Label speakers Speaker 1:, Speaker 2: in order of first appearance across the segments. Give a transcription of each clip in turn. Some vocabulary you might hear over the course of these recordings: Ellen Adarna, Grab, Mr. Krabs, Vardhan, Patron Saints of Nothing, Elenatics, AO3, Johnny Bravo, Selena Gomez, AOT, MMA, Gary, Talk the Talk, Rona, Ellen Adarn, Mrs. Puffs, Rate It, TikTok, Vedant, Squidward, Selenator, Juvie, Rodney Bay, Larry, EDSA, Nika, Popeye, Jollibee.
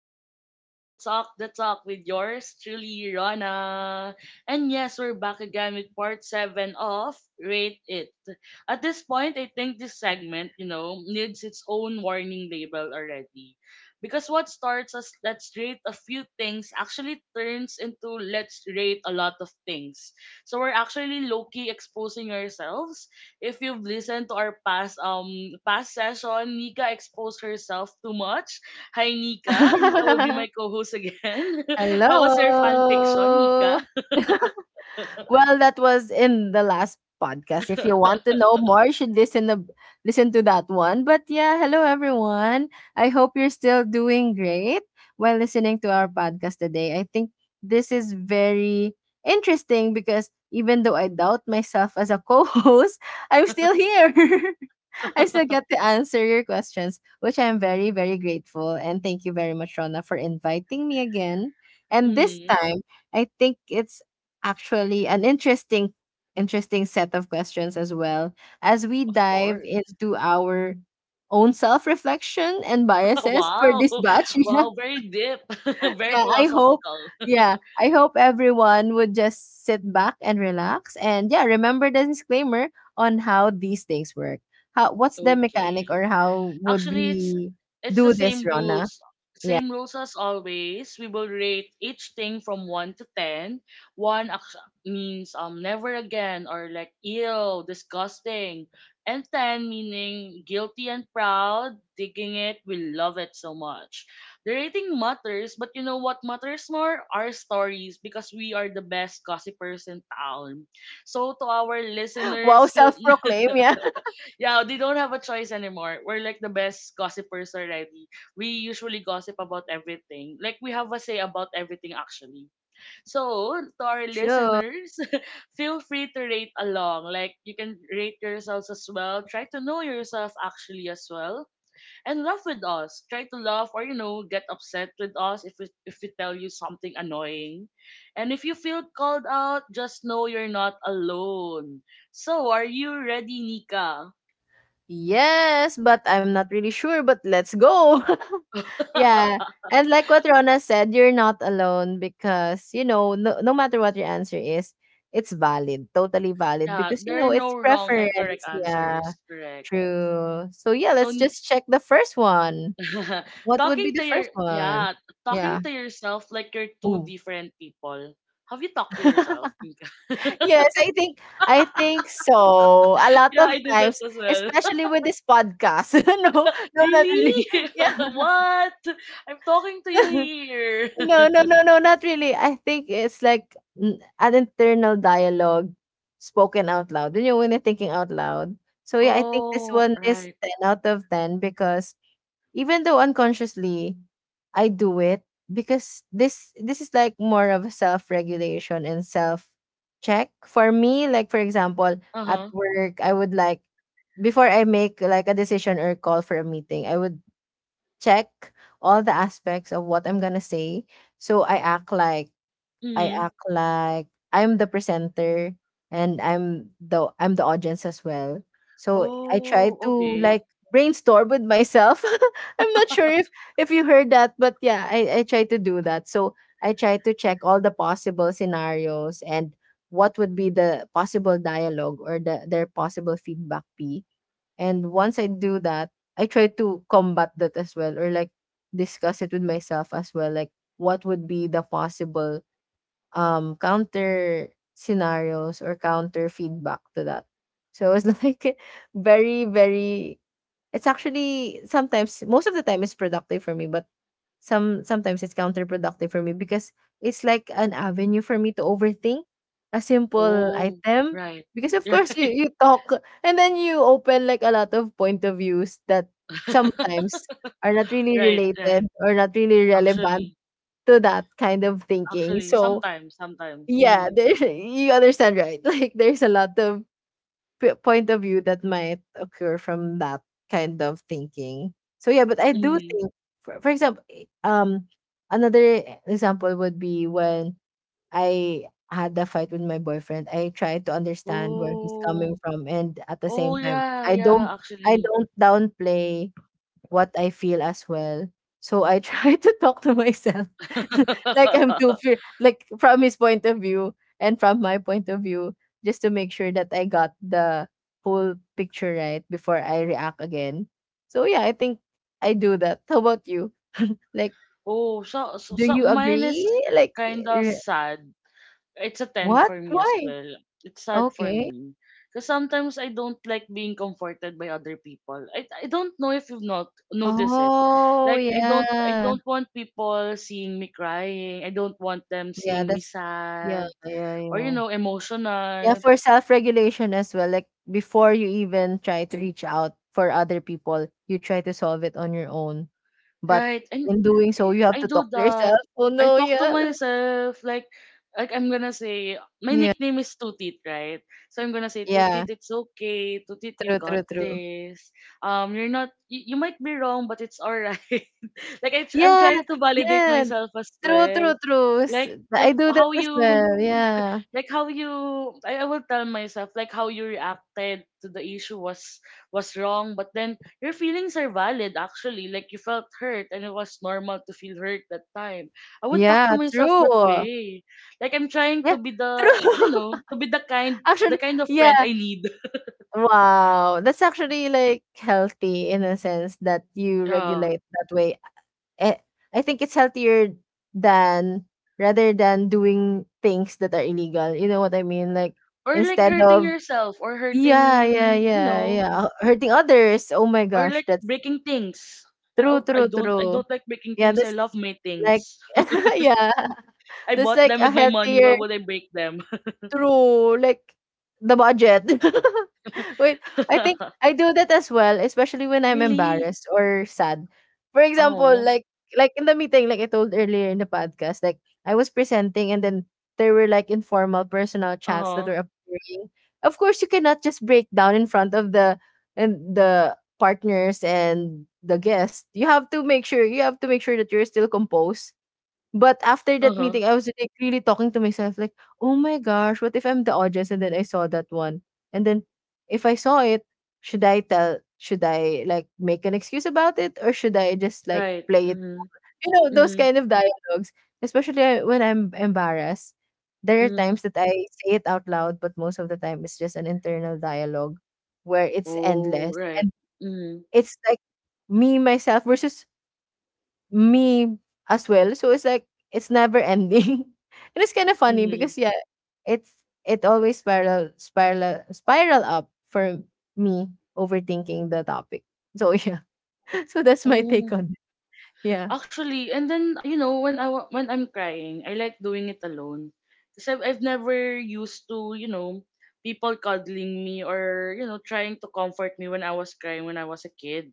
Speaker 1: Welcome back to Talk the Talk with yours truly, Rona. And yes, we're back again with part seven of Rate It. At this point, I think this segment you know, needs its own warning label already. Because what starts as let's rate a few things actually turns into let's rate a lot of things. So we're actually low key exposing ourselves. If you've listened to our past past session, Nika exposed herself too much. Hi Nika, and Nika will be my co-host again. How was your
Speaker 2: Hello.
Speaker 1: fan fiction, Nika?
Speaker 2: Well, that was in the last podcast. If you want to know more, you should listen to that one. But yeah, hello everyone. I hope you're still doing great while listening to our podcast today. I think this is very interesting because even though I doubt myself as a co-host, I'm still here. I still get to answer your questions, which I'm very, very grateful. And thank you very much, Rona, for inviting me again. And this
Speaker 1: mm,
Speaker 2: time, I think it's actually an interesting set of questions as well as we
Speaker 1: of
Speaker 2: dive
Speaker 1: course.
Speaker 2: into our own self reflection and biases for this
Speaker 1: Wow.
Speaker 2: batch.
Speaker 1: Wow, very deep, very
Speaker 2: Yeah, I hope.
Speaker 1: philosophical.
Speaker 2: Yeah, I hope everyone would just sit back and relax. And yeah, remember the disclaimer on how these things work. How what's the mechanic
Speaker 1: Okay.
Speaker 2: or how would
Speaker 1: Actually, it's
Speaker 2: we
Speaker 1: it's the
Speaker 2: do this,
Speaker 1: same
Speaker 2: Rona?
Speaker 1: rules.
Speaker 2: Yeah.
Speaker 1: Same rules as always. We will rate each thing from 1 to 10. 1 means never again or like ew, disgusting. And 10 meaning guilty and proud, digging it, we love it so much. The rating matters, but you know what matters more? Our stories, because we are the best gossipers in town. So to our
Speaker 2: Wow,
Speaker 1: listeners, feel
Speaker 2: self proclaim, yeah.
Speaker 1: yeah, they don't have a choice anymore. We're like the best gossipers already. We usually gossip about everything. Like we have a say about everything actually. So to our
Speaker 2: Sure.
Speaker 1: listeners, feel free to rate along. Like you can rate yourselves as well. Try to know yourself actually as well. And laugh with us. Try to laugh or you know, get upset with us if we tell you something annoying. And if you feel called out, just know you're not alone. So are you ready, Nika?
Speaker 2: Yes, but I'm not really sure, but let's go. Yeah. And like what Rona said, you're not alone because, no, no matter what your answer is, it's valid, totally valid
Speaker 1: Yeah,
Speaker 2: because,
Speaker 1: there are no
Speaker 2: it's
Speaker 1: wrong and correct
Speaker 2: preference. Yeah,
Speaker 1: answers. Correct.
Speaker 2: true. So, yeah,
Speaker 1: So
Speaker 2: let's
Speaker 1: n-
Speaker 2: just check the first one. What would
Speaker 1: talking
Speaker 2: be
Speaker 1: to
Speaker 2: the
Speaker 1: your
Speaker 2: first one?
Speaker 1: yeah, talking
Speaker 2: Yeah.
Speaker 1: to yourself like you're two
Speaker 2: Ooh.
Speaker 1: different people. Have you talked to yourself, Mika?
Speaker 2: Yes, I think so. A lot
Speaker 1: yeah,
Speaker 2: of
Speaker 1: I do that
Speaker 2: times,
Speaker 1: as well.
Speaker 2: especially with this podcast. No, no, not really.
Speaker 1: really?
Speaker 2: Yeah.
Speaker 1: what? I'm talking to you here.
Speaker 2: No, no, no, no, not really. I think it's like an internal dialogue spoken out loud. You know, when you're thinking out loud. So yeah, I think this
Speaker 1: oh,
Speaker 2: one is
Speaker 1: right.
Speaker 2: 10 out of 10 because even though unconsciously I do it because this is like more of a self-regulation and self-check. For me, like for example, at
Speaker 1: Uh-huh.
Speaker 2: work, I would like before I make like a decision or call for a meeting, I would check all the aspects of what I'm gonna say. So I act like I
Speaker 1: Hmm.
Speaker 2: act like I'm the presenter and I'm the audience as well. So I try
Speaker 1: Oh,
Speaker 2: to like
Speaker 1: okay.
Speaker 2: brainstorm with myself. I'm not sure if you heard that, but yeah, I try to do that. So I try to check all the possible scenarios and what would be the possible dialogue or the their possible feedback be and once I do that, I try to combat that as well or like discuss it with myself as well. Like what would be the possible counter scenarios or counter feedback to that. So it's like very, very it's actually sometimes most of the time it's productive for me, but sometimes it's counterproductive for me because it's like an avenue for me to overthink a simple
Speaker 1: oh,
Speaker 2: item
Speaker 1: right.
Speaker 2: because of course you
Speaker 1: Right.
Speaker 2: you talk and then you open like a lot of point of views that sometimes are not really
Speaker 1: right,
Speaker 2: related
Speaker 1: right.
Speaker 2: or not really relevant
Speaker 1: Actually,
Speaker 2: to that kind of thinking
Speaker 1: Actually,
Speaker 2: so
Speaker 1: sometimes.
Speaker 2: yeah
Speaker 1: Mhm,
Speaker 2: there, you understand right like there's a lot of point of view that might occur from that kind of thinking. So yeah, but I do
Speaker 1: mhm.
Speaker 2: think, for example, another example would be when I had a fight with my boyfriend. I try to understand where he's coming
Speaker 1: Oh.
Speaker 2: from, and at the
Speaker 1: Oh,
Speaker 2: same time,
Speaker 1: yeah, yeah,
Speaker 2: I
Speaker 1: actually.
Speaker 2: don't downplay what I feel as well. So I try to talk to myself like I'm too fear like from his point of view and from my point of view, just to make sure that I got the whole picture right before I react again. So yeah, I think I do that. How about you? Like,
Speaker 1: Oh, so, so,
Speaker 2: do
Speaker 1: so
Speaker 2: you
Speaker 1: mine is
Speaker 2: agree? Like,
Speaker 1: kinda
Speaker 2: re-
Speaker 1: sad. It's a 10
Speaker 2: what?
Speaker 1: for me as
Speaker 2: Why?
Speaker 1: well. It's sad for
Speaker 2: Okay.
Speaker 1: me. Because sometimes I don't like being comforted by other people. I don't know if you've not noticed it.
Speaker 2: Oh
Speaker 1: Like I
Speaker 2: yeah,
Speaker 1: don't want people seeing me crying. I don't want them
Speaker 2: yeah.
Speaker 1: seeing me
Speaker 2: That's yeah,
Speaker 1: sad
Speaker 2: yeah,
Speaker 1: or you
Speaker 2: yeah.
Speaker 1: know,
Speaker 2: Yeah,
Speaker 1: emotional.
Speaker 2: for self-regulation as well. Like before you even try to reach out for other people, you try to solve it on your own. But
Speaker 1: Right. And
Speaker 2: in doing
Speaker 1: I
Speaker 2: so, you have
Speaker 1: I
Speaker 2: to
Speaker 1: do
Speaker 2: talk to
Speaker 1: that.
Speaker 2: yourself. Oh
Speaker 1: I
Speaker 2: no,
Speaker 1: talk to
Speaker 2: yeah.
Speaker 1: myself like I'm gonna say my
Speaker 2: Yeah.
Speaker 1: nickname is Two Teeth, right? So I'm gonna say Two
Speaker 2: Yeah.
Speaker 1: Teeth, it's okay. Two Teeth, you
Speaker 2: True, true,
Speaker 1: got
Speaker 2: true.
Speaker 1: this. You're not. You might be wrong, but it's alright. Like I'm
Speaker 2: Yeah.
Speaker 1: trying to validate
Speaker 2: Yeah.
Speaker 1: myself as
Speaker 2: True,
Speaker 1: well.
Speaker 2: true, true. S-
Speaker 1: Like
Speaker 2: I
Speaker 1: like
Speaker 2: do that
Speaker 1: how
Speaker 2: as
Speaker 1: you
Speaker 2: well. Yeah.
Speaker 1: like how you I will tell myself like how you reacted to the issue was wrong, but then your feelings are valid. Actually, like, you felt hurt and it was normal to feel hurt that time. I would talk to
Speaker 2: Yeah,
Speaker 1: myself that
Speaker 2: true.
Speaker 1: way, like I'm trying to
Speaker 2: Yeah.
Speaker 1: be the
Speaker 2: True.
Speaker 1: you know to be the kind the
Speaker 2: Actually,
Speaker 1: kind of friend
Speaker 2: yeah.
Speaker 1: I need.
Speaker 2: Wow. That's actually like healthy in a sense that you
Speaker 1: Yeah,
Speaker 2: regulate that way eh, I think it's healthier than rather than doing things that are illegal. You know what I mean? Like
Speaker 1: or like
Speaker 2: instead
Speaker 1: hurting
Speaker 2: of
Speaker 1: yourself or
Speaker 2: yeah,
Speaker 1: hurting
Speaker 2: yeah,
Speaker 1: you
Speaker 2: yeah,
Speaker 1: know,
Speaker 2: yeah, hurting others. Oh my
Speaker 1: or
Speaker 2: gosh,
Speaker 1: like
Speaker 2: that's
Speaker 1: breaking things. I,
Speaker 2: true,
Speaker 1: don't- I
Speaker 2: true,
Speaker 1: don't I
Speaker 2: true.
Speaker 1: don't like breaking
Speaker 2: Yeah,
Speaker 1: things. I
Speaker 2: that's
Speaker 1: love my
Speaker 2: like
Speaker 1: things.
Speaker 2: yeah,
Speaker 1: I
Speaker 2: that's
Speaker 1: bought
Speaker 2: like
Speaker 1: them
Speaker 2: a
Speaker 1: with my money. Why
Speaker 2: healthier
Speaker 1: would I break them?
Speaker 2: True, like the budget. Wait, I think I do that as well, especially when I'm
Speaker 1: Really?
Speaker 2: embarrassed or sad. For example,
Speaker 1: Oh.
Speaker 2: like in the meeting, like I told earlier in the podcast, like I was presenting and then there were like informal personal chats that
Speaker 1: Uh-huh.
Speaker 2: were appearing. Of course, you cannot just break down in front of the and the partners and the guests. You have to make sure you have to make sure that you're still composed but after that
Speaker 1: Uh-huh.
Speaker 2: meeting, I was, like, really talking to myself, like, "Oh my gosh, what if I'm the audience and then I saw that one? And then if I saw it, should I, like, make an excuse about it or should I just, like,
Speaker 1: Right.
Speaker 2: play it
Speaker 1: Mm-hmm.
Speaker 2: cool?" You know, those
Speaker 1: Mm-hmm.
Speaker 2: kind of dialogues, especially when I'm embarrassed. There are
Speaker 1: Mm-hmm.
Speaker 2: times that I say it out loud, but most of the time it's just an internal dialogue where it's
Speaker 1: Oh,
Speaker 2: endless
Speaker 1: right.
Speaker 2: and
Speaker 1: Mm-hmm.
Speaker 2: it's, like, me, myself versus me as well. So it's like it's never ending. And it's kind of funny
Speaker 1: Mm-hmm.
Speaker 2: because yeah, it's it always spiral up for me overthinking the topic. So yeah. So that's my take
Speaker 1: Oh,
Speaker 2: on it. Yeah.
Speaker 1: actually, and then, you know, when I'm crying, I like doing it alone, because I've never used to, you know, people cuddling me or you know, trying to comfort me when I was crying when I was a kid.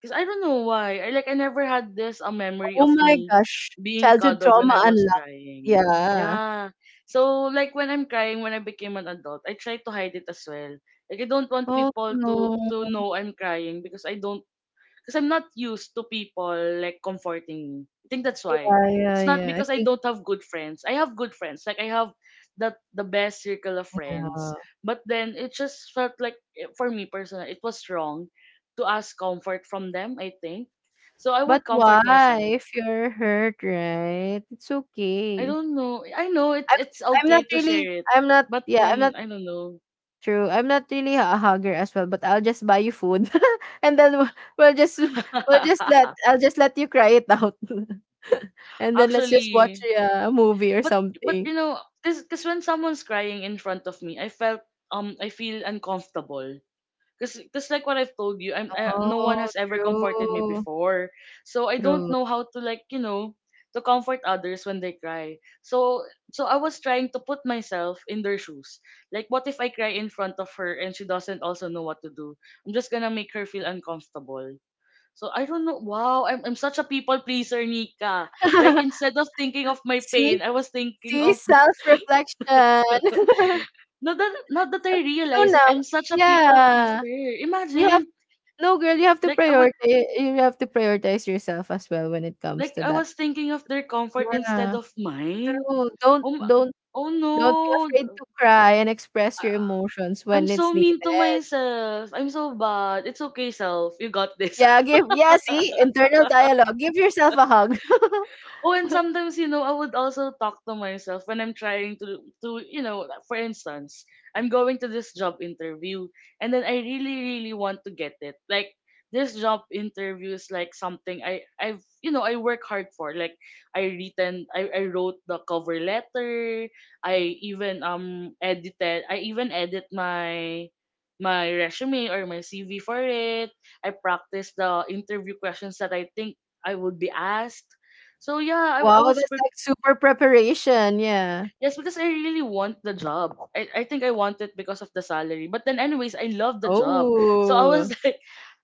Speaker 1: Because I don't know why. I like I never had this a memory
Speaker 2: Oh
Speaker 1: of
Speaker 2: my
Speaker 1: me
Speaker 2: gosh.
Speaker 1: being
Speaker 2: Childhood
Speaker 1: cuddled when I
Speaker 2: trauma
Speaker 1: was
Speaker 2: unlocked.
Speaker 1: crying.
Speaker 2: Yeah.
Speaker 1: Yeah. So like when I'm crying when I became an adult, I try to hide it as well. Like I don't want
Speaker 2: Oh
Speaker 1: people
Speaker 2: no.
Speaker 1: to know I'm crying because I don't, because I'm not used to people like comforting me. I think that's why.
Speaker 2: Yeah, yeah,
Speaker 1: It's not
Speaker 2: yeah. I
Speaker 1: because I
Speaker 2: think
Speaker 1: don't have good friends. I have good friends. Like I have the best circle of friends.
Speaker 2: yeah.
Speaker 1: But then it just felt like eh, for me personally, it was wrong to ask comfort from them, I think. So I
Speaker 2: But
Speaker 1: would comfort
Speaker 2: why?
Speaker 1: myself.
Speaker 2: If you're hurt, right? It's
Speaker 1: I
Speaker 2: okay.
Speaker 1: don't know. I know it's
Speaker 2: I'm
Speaker 1: it's
Speaker 2: I'm
Speaker 1: okay
Speaker 2: not
Speaker 1: to
Speaker 2: really
Speaker 1: share it.
Speaker 2: I'm not
Speaker 1: But
Speaker 2: yeah, I'm
Speaker 1: then
Speaker 2: not
Speaker 1: I don't know.
Speaker 2: True. I'm not really a hugger as well, but I'll just buy you food, and then we'll just we'll just let I'll just let you cry it out, and then let's just watch
Speaker 1: Actually,
Speaker 2: yeah, a movie or
Speaker 1: but but you
Speaker 2: something.
Speaker 1: know, because when someone's crying in front of me, I feel uncomfortable, because like what I've told you, I, no one
Speaker 2: Oh,
Speaker 1: has ever comforted me
Speaker 2: true,
Speaker 1: before, so I don't
Speaker 2: true.
Speaker 1: know how to, like, you know, to comfort others when they cry. I was trying to put myself in their shoes, like, what if I cry in front of her and she doesn't also know what to do? I'm just gonna make her feel uncomfortable, so I don't know. Wow, I'm such a people pleaser, Nika. Like, instead of thinking of my
Speaker 2: See,
Speaker 1: pain, I was thinking
Speaker 2: see,
Speaker 1: of the,
Speaker 2: self reflection.
Speaker 1: not that
Speaker 2: So,
Speaker 1: I
Speaker 2: so
Speaker 1: realized it.
Speaker 2: now,
Speaker 1: I'm such a people
Speaker 2: yeah,
Speaker 1: pleaser.
Speaker 2: you have
Speaker 1: Imagine,
Speaker 2: no girl. You have to
Speaker 1: like I would
Speaker 2: prioritize. You have to prioritize yourself as well when it comes
Speaker 1: like
Speaker 2: to
Speaker 1: I
Speaker 2: that.
Speaker 1: was thinking of their comfort instead
Speaker 2: Yeah,
Speaker 1: of mine.
Speaker 2: true.
Speaker 1: Oh, ma- oh
Speaker 2: Don't be
Speaker 1: no.
Speaker 2: afraid to cry and express
Speaker 1: I-
Speaker 2: your emotions
Speaker 1: I'm
Speaker 2: when it's
Speaker 1: so mean to
Speaker 2: needed.
Speaker 1: myself. I'm so bad. It's okay, self. You got this.
Speaker 2: Yeah, give yeah, see, internal dialogue. Give yourself a hug.
Speaker 1: Oh, and sometimes, you know, I would also talk to myself when I'm trying to, you know, for instance, I'm going to this job interview and then I really, really want to get it. Like, this job interview is like something I work hard for. Like I wrote the cover letter, I even edit my my resume or my CV for it. I practice the interview questions that I think I would be asked, so yeah, I
Speaker 2: Wow,
Speaker 1: was
Speaker 2: that's
Speaker 1: pre-
Speaker 2: like super preparation. Yeah.
Speaker 1: yes, because I really want the job. I think I want it because of the salary. But then anyways, I love the job. So I
Speaker 2: Oh,
Speaker 1: was like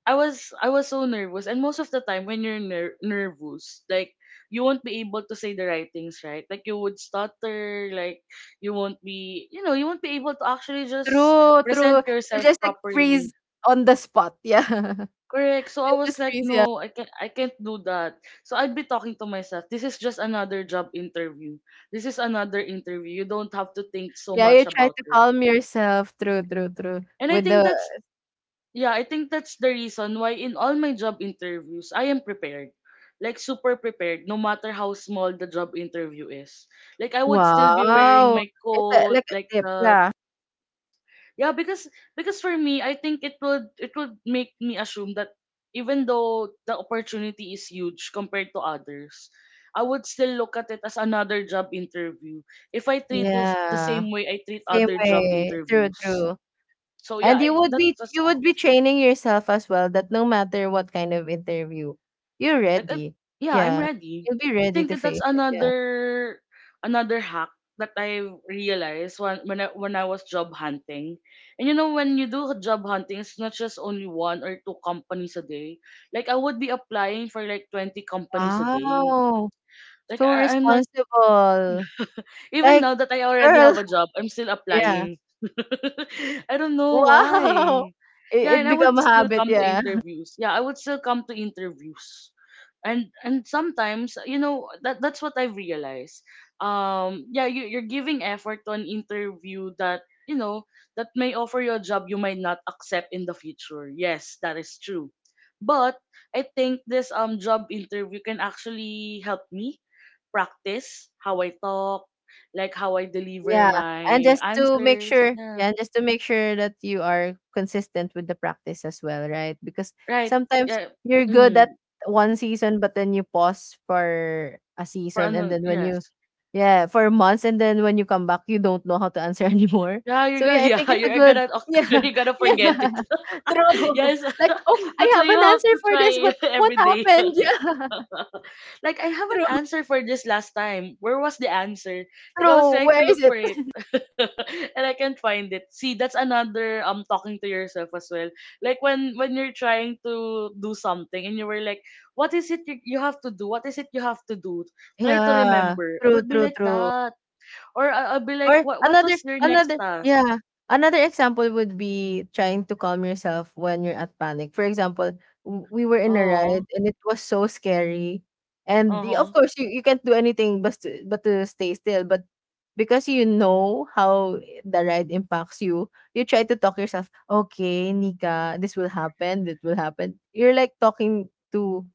Speaker 1: I was so nervous, and most of the time when you're nervous, like you won't be able to say the right things, right? Like you would stutter, like you won't be you know, you won't be able to actually just
Speaker 2: true,
Speaker 1: present
Speaker 2: true. You're
Speaker 1: yourself
Speaker 2: just like
Speaker 1: properly.
Speaker 2: freeze on the spot. Yeah.
Speaker 1: Correct. So I
Speaker 2: You
Speaker 1: was
Speaker 2: just
Speaker 1: like,
Speaker 2: freeze. Yeah.
Speaker 1: no, I can't do that. So I'd be talking to myself. This is just another job interview. This is another interview. You don't have to think so
Speaker 2: Yeah.
Speaker 1: much
Speaker 2: You try
Speaker 1: about
Speaker 2: to
Speaker 1: it.
Speaker 2: calm yourself. True, true, true.
Speaker 1: And I
Speaker 2: With
Speaker 1: think
Speaker 2: the
Speaker 1: yeah, I think that's the reason why in all my job interviews, I am prepared. Like super prepared, no matter how small the job interview is. Like I would still be wearing
Speaker 2: wow,
Speaker 1: my
Speaker 2: it's a,
Speaker 1: coat,
Speaker 2: like
Speaker 1: like
Speaker 2: a tip.
Speaker 1: the
Speaker 2: Yeah.
Speaker 1: Yeah, because for me, I think it would make me assume that even though the opportunity is huge compared to others, I would still look at it as another job interview if I treat it the
Speaker 2: Yeah.
Speaker 1: same way I treat
Speaker 2: Same
Speaker 1: other job
Speaker 2: way. True,
Speaker 1: interviews.
Speaker 2: true.
Speaker 1: So yeah,
Speaker 2: And you would be
Speaker 1: that's
Speaker 2: you would be training yourself as well that no matter what kind of interview, you're
Speaker 1: And
Speaker 2: ready.
Speaker 1: yeah, I'm
Speaker 2: Yeah.
Speaker 1: ready.
Speaker 2: You'll be ready to
Speaker 1: Think
Speaker 2: face
Speaker 1: that's
Speaker 2: it. Yeah.
Speaker 1: another hack that I realized when I was job hunting. And you know when you do job hunting, it's not just only one or two companies a day. Like I would be applying for like 20 companies a day.
Speaker 2: Wow.
Speaker 1: Like
Speaker 2: So
Speaker 1: I'm like
Speaker 2: responsible.
Speaker 1: even
Speaker 2: Like
Speaker 1: now that I already
Speaker 2: girl.
Speaker 1: have a job, I'm still
Speaker 2: Yeah.
Speaker 1: applying. I don't know why.
Speaker 2: Wow.
Speaker 1: Yeah,
Speaker 2: It
Speaker 1: and I
Speaker 2: become
Speaker 1: would
Speaker 2: a
Speaker 1: still
Speaker 2: habit,
Speaker 1: come to
Speaker 2: yeah.
Speaker 1: interviews. Yeah, I would still come to interviews. And sometimes, you know, that's what I realized. Yeah, you you're giving effort to an interview that, you know, that may offer you a job you might not accept in the future. Yes, that is true. But I think this job interview can actually help me practice how I talk, like how I deliver
Speaker 2: Yeah, and
Speaker 1: my
Speaker 2: just to make
Speaker 1: answers.
Speaker 2: sure, yeah,
Speaker 1: Yeah.
Speaker 2: and just to make sure that you are consistent with the practice as well, right? Because
Speaker 1: Right.
Speaker 2: sometimes
Speaker 1: Yeah.
Speaker 2: you're good at
Speaker 1: Mm.
Speaker 2: one season, but then you pause for a
Speaker 1: For
Speaker 2: season, and
Speaker 1: ano,
Speaker 2: then when you,
Speaker 1: yes.
Speaker 2: yeah, for months, and then when you come back, you don't know how to answer anymore.
Speaker 1: Yeah, you're
Speaker 2: So
Speaker 1: gonna
Speaker 2: yeah, I think
Speaker 1: yeah,
Speaker 2: it's a
Speaker 1: you're
Speaker 2: good,
Speaker 1: gonna
Speaker 2: yeah,
Speaker 1: you're gonna
Speaker 2: yeah,
Speaker 1: forget it.
Speaker 2: true.
Speaker 1: yes.
Speaker 2: Like, oh, I
Speaker 1: That's why
Speaker 2: have
Speaker 1: you
Speaker 2: an
Speaker 1: have
Speaker 2: answer
Speaker 1: to
Speaker 2: for this,
Speaker 1: try
Speaker 2: but what
Speaker 1: every day.
Speaker 2: happened?
Speaker 1: Like I have
Speaker 2: Yeah,
Speaker 1: an
Speaker 2: true,
Speaker 1: answer for this last time. Where was the answer? Like I was
Speaker 2: true.
Speaker 1: trying to
Speaker 2: Where is
Speaker 1: look for
Speaker 2: it?
Speaker 1: it, and I can't find it. See, that's another talking to yourself as well. Like when you're trying to do something and you were like, what is it you have to do? What is it you have to do? Try to
Speaker 2: Yeah,
Speaker 1: remember. I
Speaker 2: true,
Speaker 1: would be
Speaker 2: true,
Speaker 1: like
Speaker 2: true.
Speaker 1: that, or I'll be like,
Speaker 2: Or
Speaker 1: what
Speaker 2: another
Speaker 1: was your next
Speaker 2: another
Speaker 1: task?
Speaker 2: yeah, another example would be trying to calm yourself when you're at panic. For example, we were in a
Speaker 1: Oh,
Speaker 2: ride and it was so scary. And
Speaker 1: uh
Speaker 2: of
Speaker 1: huh.
Speaker 2: course, you can't do anything but to stay still. But because you know how the ride impacts you, you try to talk yourself, okay, Nika, this will happen, that will happen. You're like talking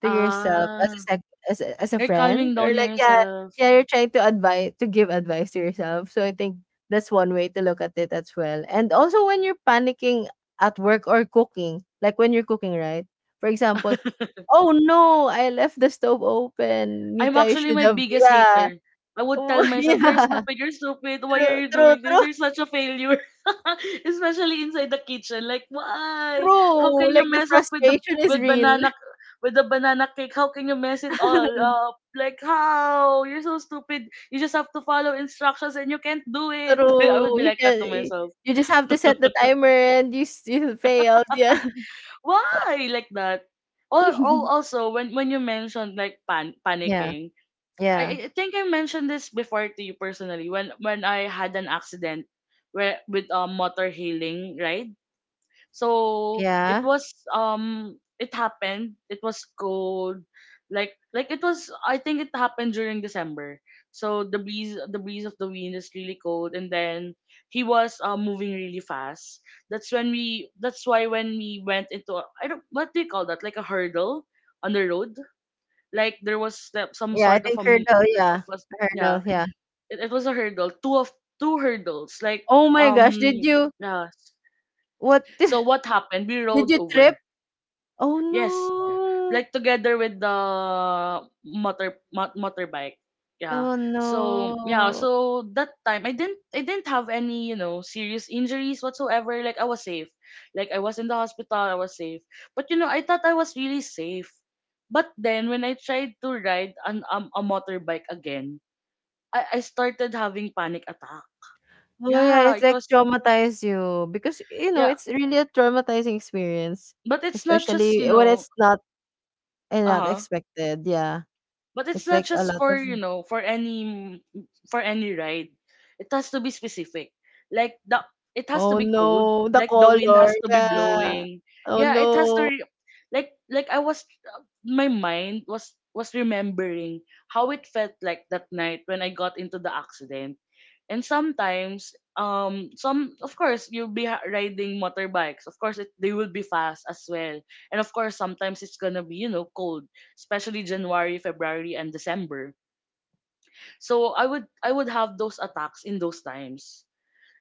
Speaker 2: to yourself as a
Speaker 1: Ah,
Speaker 2: as a, as a
Speaker 1: you're
Speaker 2: friend
Speaker 1: calming down
Speaker 2: or like yeah
Speaker 1: yourself.
Speaker 2: yeah, you're trying to advise to give advice to yourself. So I think that's one way to look at it as well. And also when you're panicking at work or cooking, like when you're cooking, right? For example, oh no, I left the stove open.
Speaker 1: I'm
Speaker 2: Mika, you
Speaker 1: actually
Speaker 2: should
Speaker 1: my
Speaker 2: have
Speaker 1: biggest
Speaker 2: yeah.
Speaker 1: hater. I would tell
Speaker 2: Oh,
Speaker 1: myself, "You're
Speaker 2: yeah.
Speaker 1: stupid. You're stupid. Why are
Speaker 2: True,
Speaker 1: you
Speaker 2: true,
Speaker 1: doing this?
Speaker 2: true,
Speaker 1: You're such a failure." Especially inside the kitchen, like, why? How
Speaker 2: true.
Speaker 1: can you
Speaker 2: Like the
Speaker 1: mess up with the
Speaker 2: frustration is
Speaker 1: with
Speaker 2: real.
Speaker 1: banana with the banana cake? How can you mess it all up? Like, how? You're so stupid. You just have to follow instructions, and you can't do it. I would
Speaker 2: True.
Speaker 1: be
Speaker 2: You
Speaker 1: like
Speaker 2: can
Speaker 1: that to myself.
Speaker 2: you just have to set the timer and you you failed. Yeah.
Speaker 1: Why like that? Or also when you mentioned like
Speaker 2: Yeah.
Speaker 1: panicking.
Speaker 2: Yeah.
Speaker 1: I think I mentioned this before to you personally when I had an accident where with a motor hailing ride. So it
Speaker 2: Yeah.
Speaker 1: was it happened. It was cold. Like it was, I think it happened during December. So the breeze of the wind is really cold, and then he was moving really fast. That's why when we went into a, I don't, what do you call that? Like a hurdle on the road. Like there was some
Speaker 2: Yeah, I
Speaker 1: sort of
Speaker 2: think
Speaker 1: a
Speaker 2: hurdle,
Speaker 1: of
Speaker 2: yeah.
Speaker 1: a, yeah,
Speaker 2: Hurdle, yeah.
Speaker 1: it was a hurdle, two hurdles, like,
Speaker 2: Oh my gosh, did
Speaker 1: um
Speaker 2: you
Speaker 1: yeah.
Speaker 2: what
Speaker 1: So what happened, we
Speaker 2: did
Speaker 1: rolled
Speaker 2: you trip?
Speaker 1: over.
Speaker 2: Oh
Speaker 1: Yes,
Speaker 2: no.
Speaker 1: like together with the motorbike, yeah.
Speaker 2: Oh
Speaker 1: So yeah,
Speaker 2: no.
Speaker 1: so that time, I didn't have any, you know, serious injuries whatsoever. Like I was safe. Like I was in the hospital, I was safe. But you know, I thought I was really safe. But then when I tried to ride an a motorbike again, I started having panic attack.
Speaker 2: Oh yeah,
Speaker 1: Yeah,
Speaker 2: it's
Speaker 1: it
Speaker 2: like
Speaker 1: was.
Speaker 2: traumatize you because you know,
Speaker 1: Yeah,
Speaker 2: it's really a traumatizing experience,
Speaker 1: but it's not just, you
Speaker 2: especially when
Speaker 1: know.
Speaker 2: it's not and not
Speaker 1: Uh-huh.
Speaker 2: expected. Yeah.
Speaker 1: But it's
Speaker 2: It's
Speaker 1: not
Speaker 2: like a
Speaker 1: just
Speaker 2: lot
Speaker 1: for,
Speaker 2: of
Speaker 1: you know, for any ride. It has to be specific. Like the It has to
Speaker 2: oh
Speaker 1: be cold.
Speaker 2: no, the
Speaker 1: Like the wind
Speaker 2: color,
Speaker 1: has to be
Speaker 2: yeah.
Speaker 1: blowing.
Speaker 2: Oh
Speaker 1: Yeah, it has to
Speaker 2: no.
Speaker 1: I was, my mind was remembering how it felt like that night when I got into the accident. And sometimes some of course you'll be riding motorbikes. Of course it, they will be fast as well. And of course sometimes it's going to be, you know, cold, especially January, February, and December. So I would have those attacks in those times.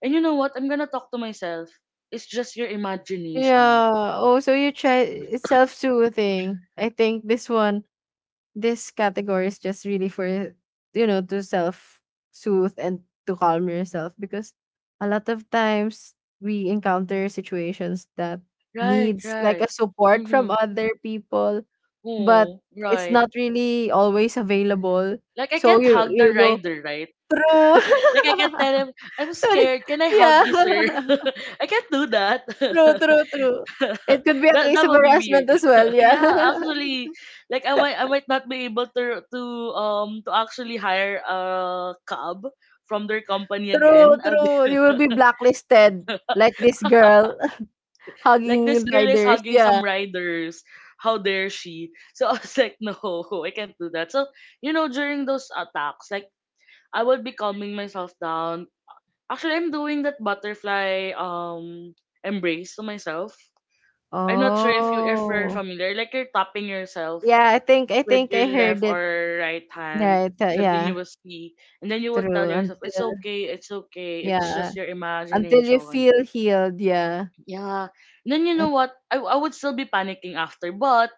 Speaker 1: And you know what? I'm gonna talk to myself. It's just your imagination.
Speaker 2: Yeah. Oh, so you try it's self-soothing. I think this category is just really for to self soothe and to calm yourself because a lot of times we encounter situations that
Speaker 1: Right,
Speaker 2: needs like
Speaker 1: right.
Speaker 2: a support from
Speaker 1: Mm-hmm.
Speaker 2: other people but
Speaker 1: Oh,
Speaker 2: it's
Speaker 1: right.
Speaker 2: not really always available
Speaker 1: Like I
Speaker 2: so
Speaker 1: can't
Speaker 2: you
Speaker 1: hug the
Speaker 2: you go
Speaker 1: rider, right?
Speaker 2: true.
Speaker 1: Like I can't tell him, I'm
Speaker 2: So y-
Speaker 1: scared. Can I
Speaker 2: yeah
Speaker 1: hug you, sir? I can't do that.
Speaker 2: true, true, true, it could be a
Speaker 1: That
Speaker 2: case
Speaker 1: that
Speaker 2: of
Speaker 1: will be
Speaker 2: harassment
Speaker 1: weird.
Speaker 2: as well, yeah.
Speaker 1: Yeah, actually, like I might, I might not be able to actually hire a cab from their company
Speaker 2: True,
Speaker 1: again. I'll be
Speaker 2: true, you will be blacklisted like this girl.
Speaker 1: like, this
Speaker 2: Hugging
Speaker 1: girl is
Speaker 2: riders,
Speaker 1: hugging
Speaker 2: yeah.
Speaker 1: some riders. How dare she? So, I was like, no, I can't do that. So, you know, during those attacks, like, I would be calming myself down. Actually, I'm doing that butterfly embrace to myself. I'm not sure if you if you're
Speaker 2: Oh.
Speaker 1: familiar. Like you're tapping yourself
Speaker 2: Yeah, I think I
Speaker 1: with
Speaker 2: think
Speaker 1: your
Speaker 2: I
Speaker 1: left
Speaker 2: heard it.
Speaker 1: or right hand
Speaker 2: Right, yeah.
Speaker 1: continuously, and then you would tell
Speaker 2: True.
Speaker 1: yourself, it's
Speaker 2: Until,
Speaker 1: okay, it's okay, it's
Speaker 2: yeah,
Speaker 1: just your
Speaker 2: until you
Speaker 1: imagination.
Speaker 2: feel healed, yeah.
Speaker 1: Yeah. And then you know
Speaker 2: I-
Speaker 1: what, I would still be panicking after,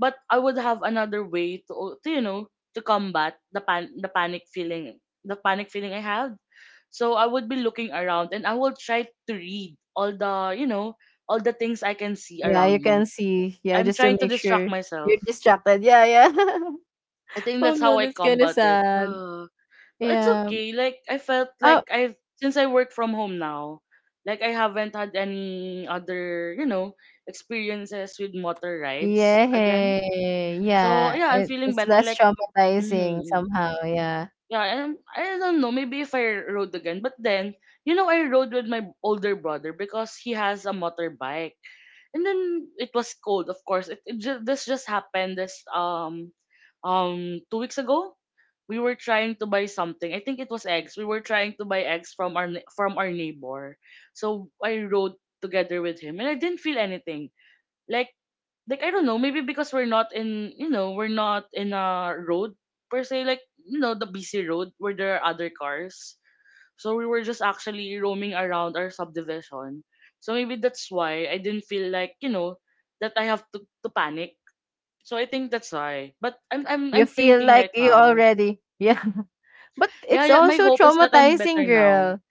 Speaker 1: but I would have another way to, you know, to combat the pan the panic feeling, the panic feeling I have. So I would be looking around, and I will try to read all the, you know, all the things I can see
Speaker 2: Yeah,
Speaker 1: around
Speaker 2: you
Speaker 1: me.
Speaker 2: can see. Yeah,
Speaker 1: I'm
Speaker 2: just to
Speaker 1: trying to
Speaker 2: make
Speaker 1: distract
Speaker 2: sure
Speaker 1: myself.
Speaker 2: you're distracted. Yeah, yeah.
Speaker 1: I think
Speaker 2: Oh
Speaker 1: that's how
Speaker 2: no,
Speaker 1: I
Speaker 2: that's kind of
Speaker 1: combat it.
Speaker 2: sad.
Speaker 1: It's
Speaker 2: Yeah.
Speaker 1: okay. Like I felt
Speaker 2: Oh,
Speaker 1: like I've, since I work from home now, like I haven't had any other, you know, experiences with motor rides again.
Speaker 2: yeah.
Speaker 1: So
Speaker 2: Yeah.
Speaker 1: yeah, I'm
Speaker 2: It,
Speaker 1: feeling
Speaker 2: it's
Speaker 1: better.
Speaker 2: less
Speaker 1: Like,
Speaker 2: traumatizing
Speaker 1: mm,
Speaker 2: somehow. Yeah.
Speaker 1: yeah, and I don't know, maybe if I rode again. But then, you know, I rode with my older brother because he has a motorbike, and then it was cold. Of course it, this just happened this 2 weeks ago. We were trying to buy something, I think it was eggs. We were trying to buy eggs from our from our neighbor. So I rode together with him, and I didn't feel anything. like like I don't know, maybe because we're not in, you know, we're not in a road per se, like, you know, the busy road where there are other cars. So we were just actually roaming around our subdivision. So maybe that's why I didn't feel like, you know, that I have to panic. So I think that's why. But I'm I'm
Speaker 2: You
Speaker 1: I'm
Speaker 2: feel
Speaker 1: thinking
Speaker 2: like
Speaker 1: right
Speaker 2: you
Speaker 1: now.
Speaker 2: already, yeah. But
Speaker 1: Yeah,
Speaker 2: it's
Speaker 1: yeah, my
Speaker 2: also
Speaker 1: hope is that I'm
Speaker 2: traumatizing,
Speaker 1: better now.
Speaker 2: girl.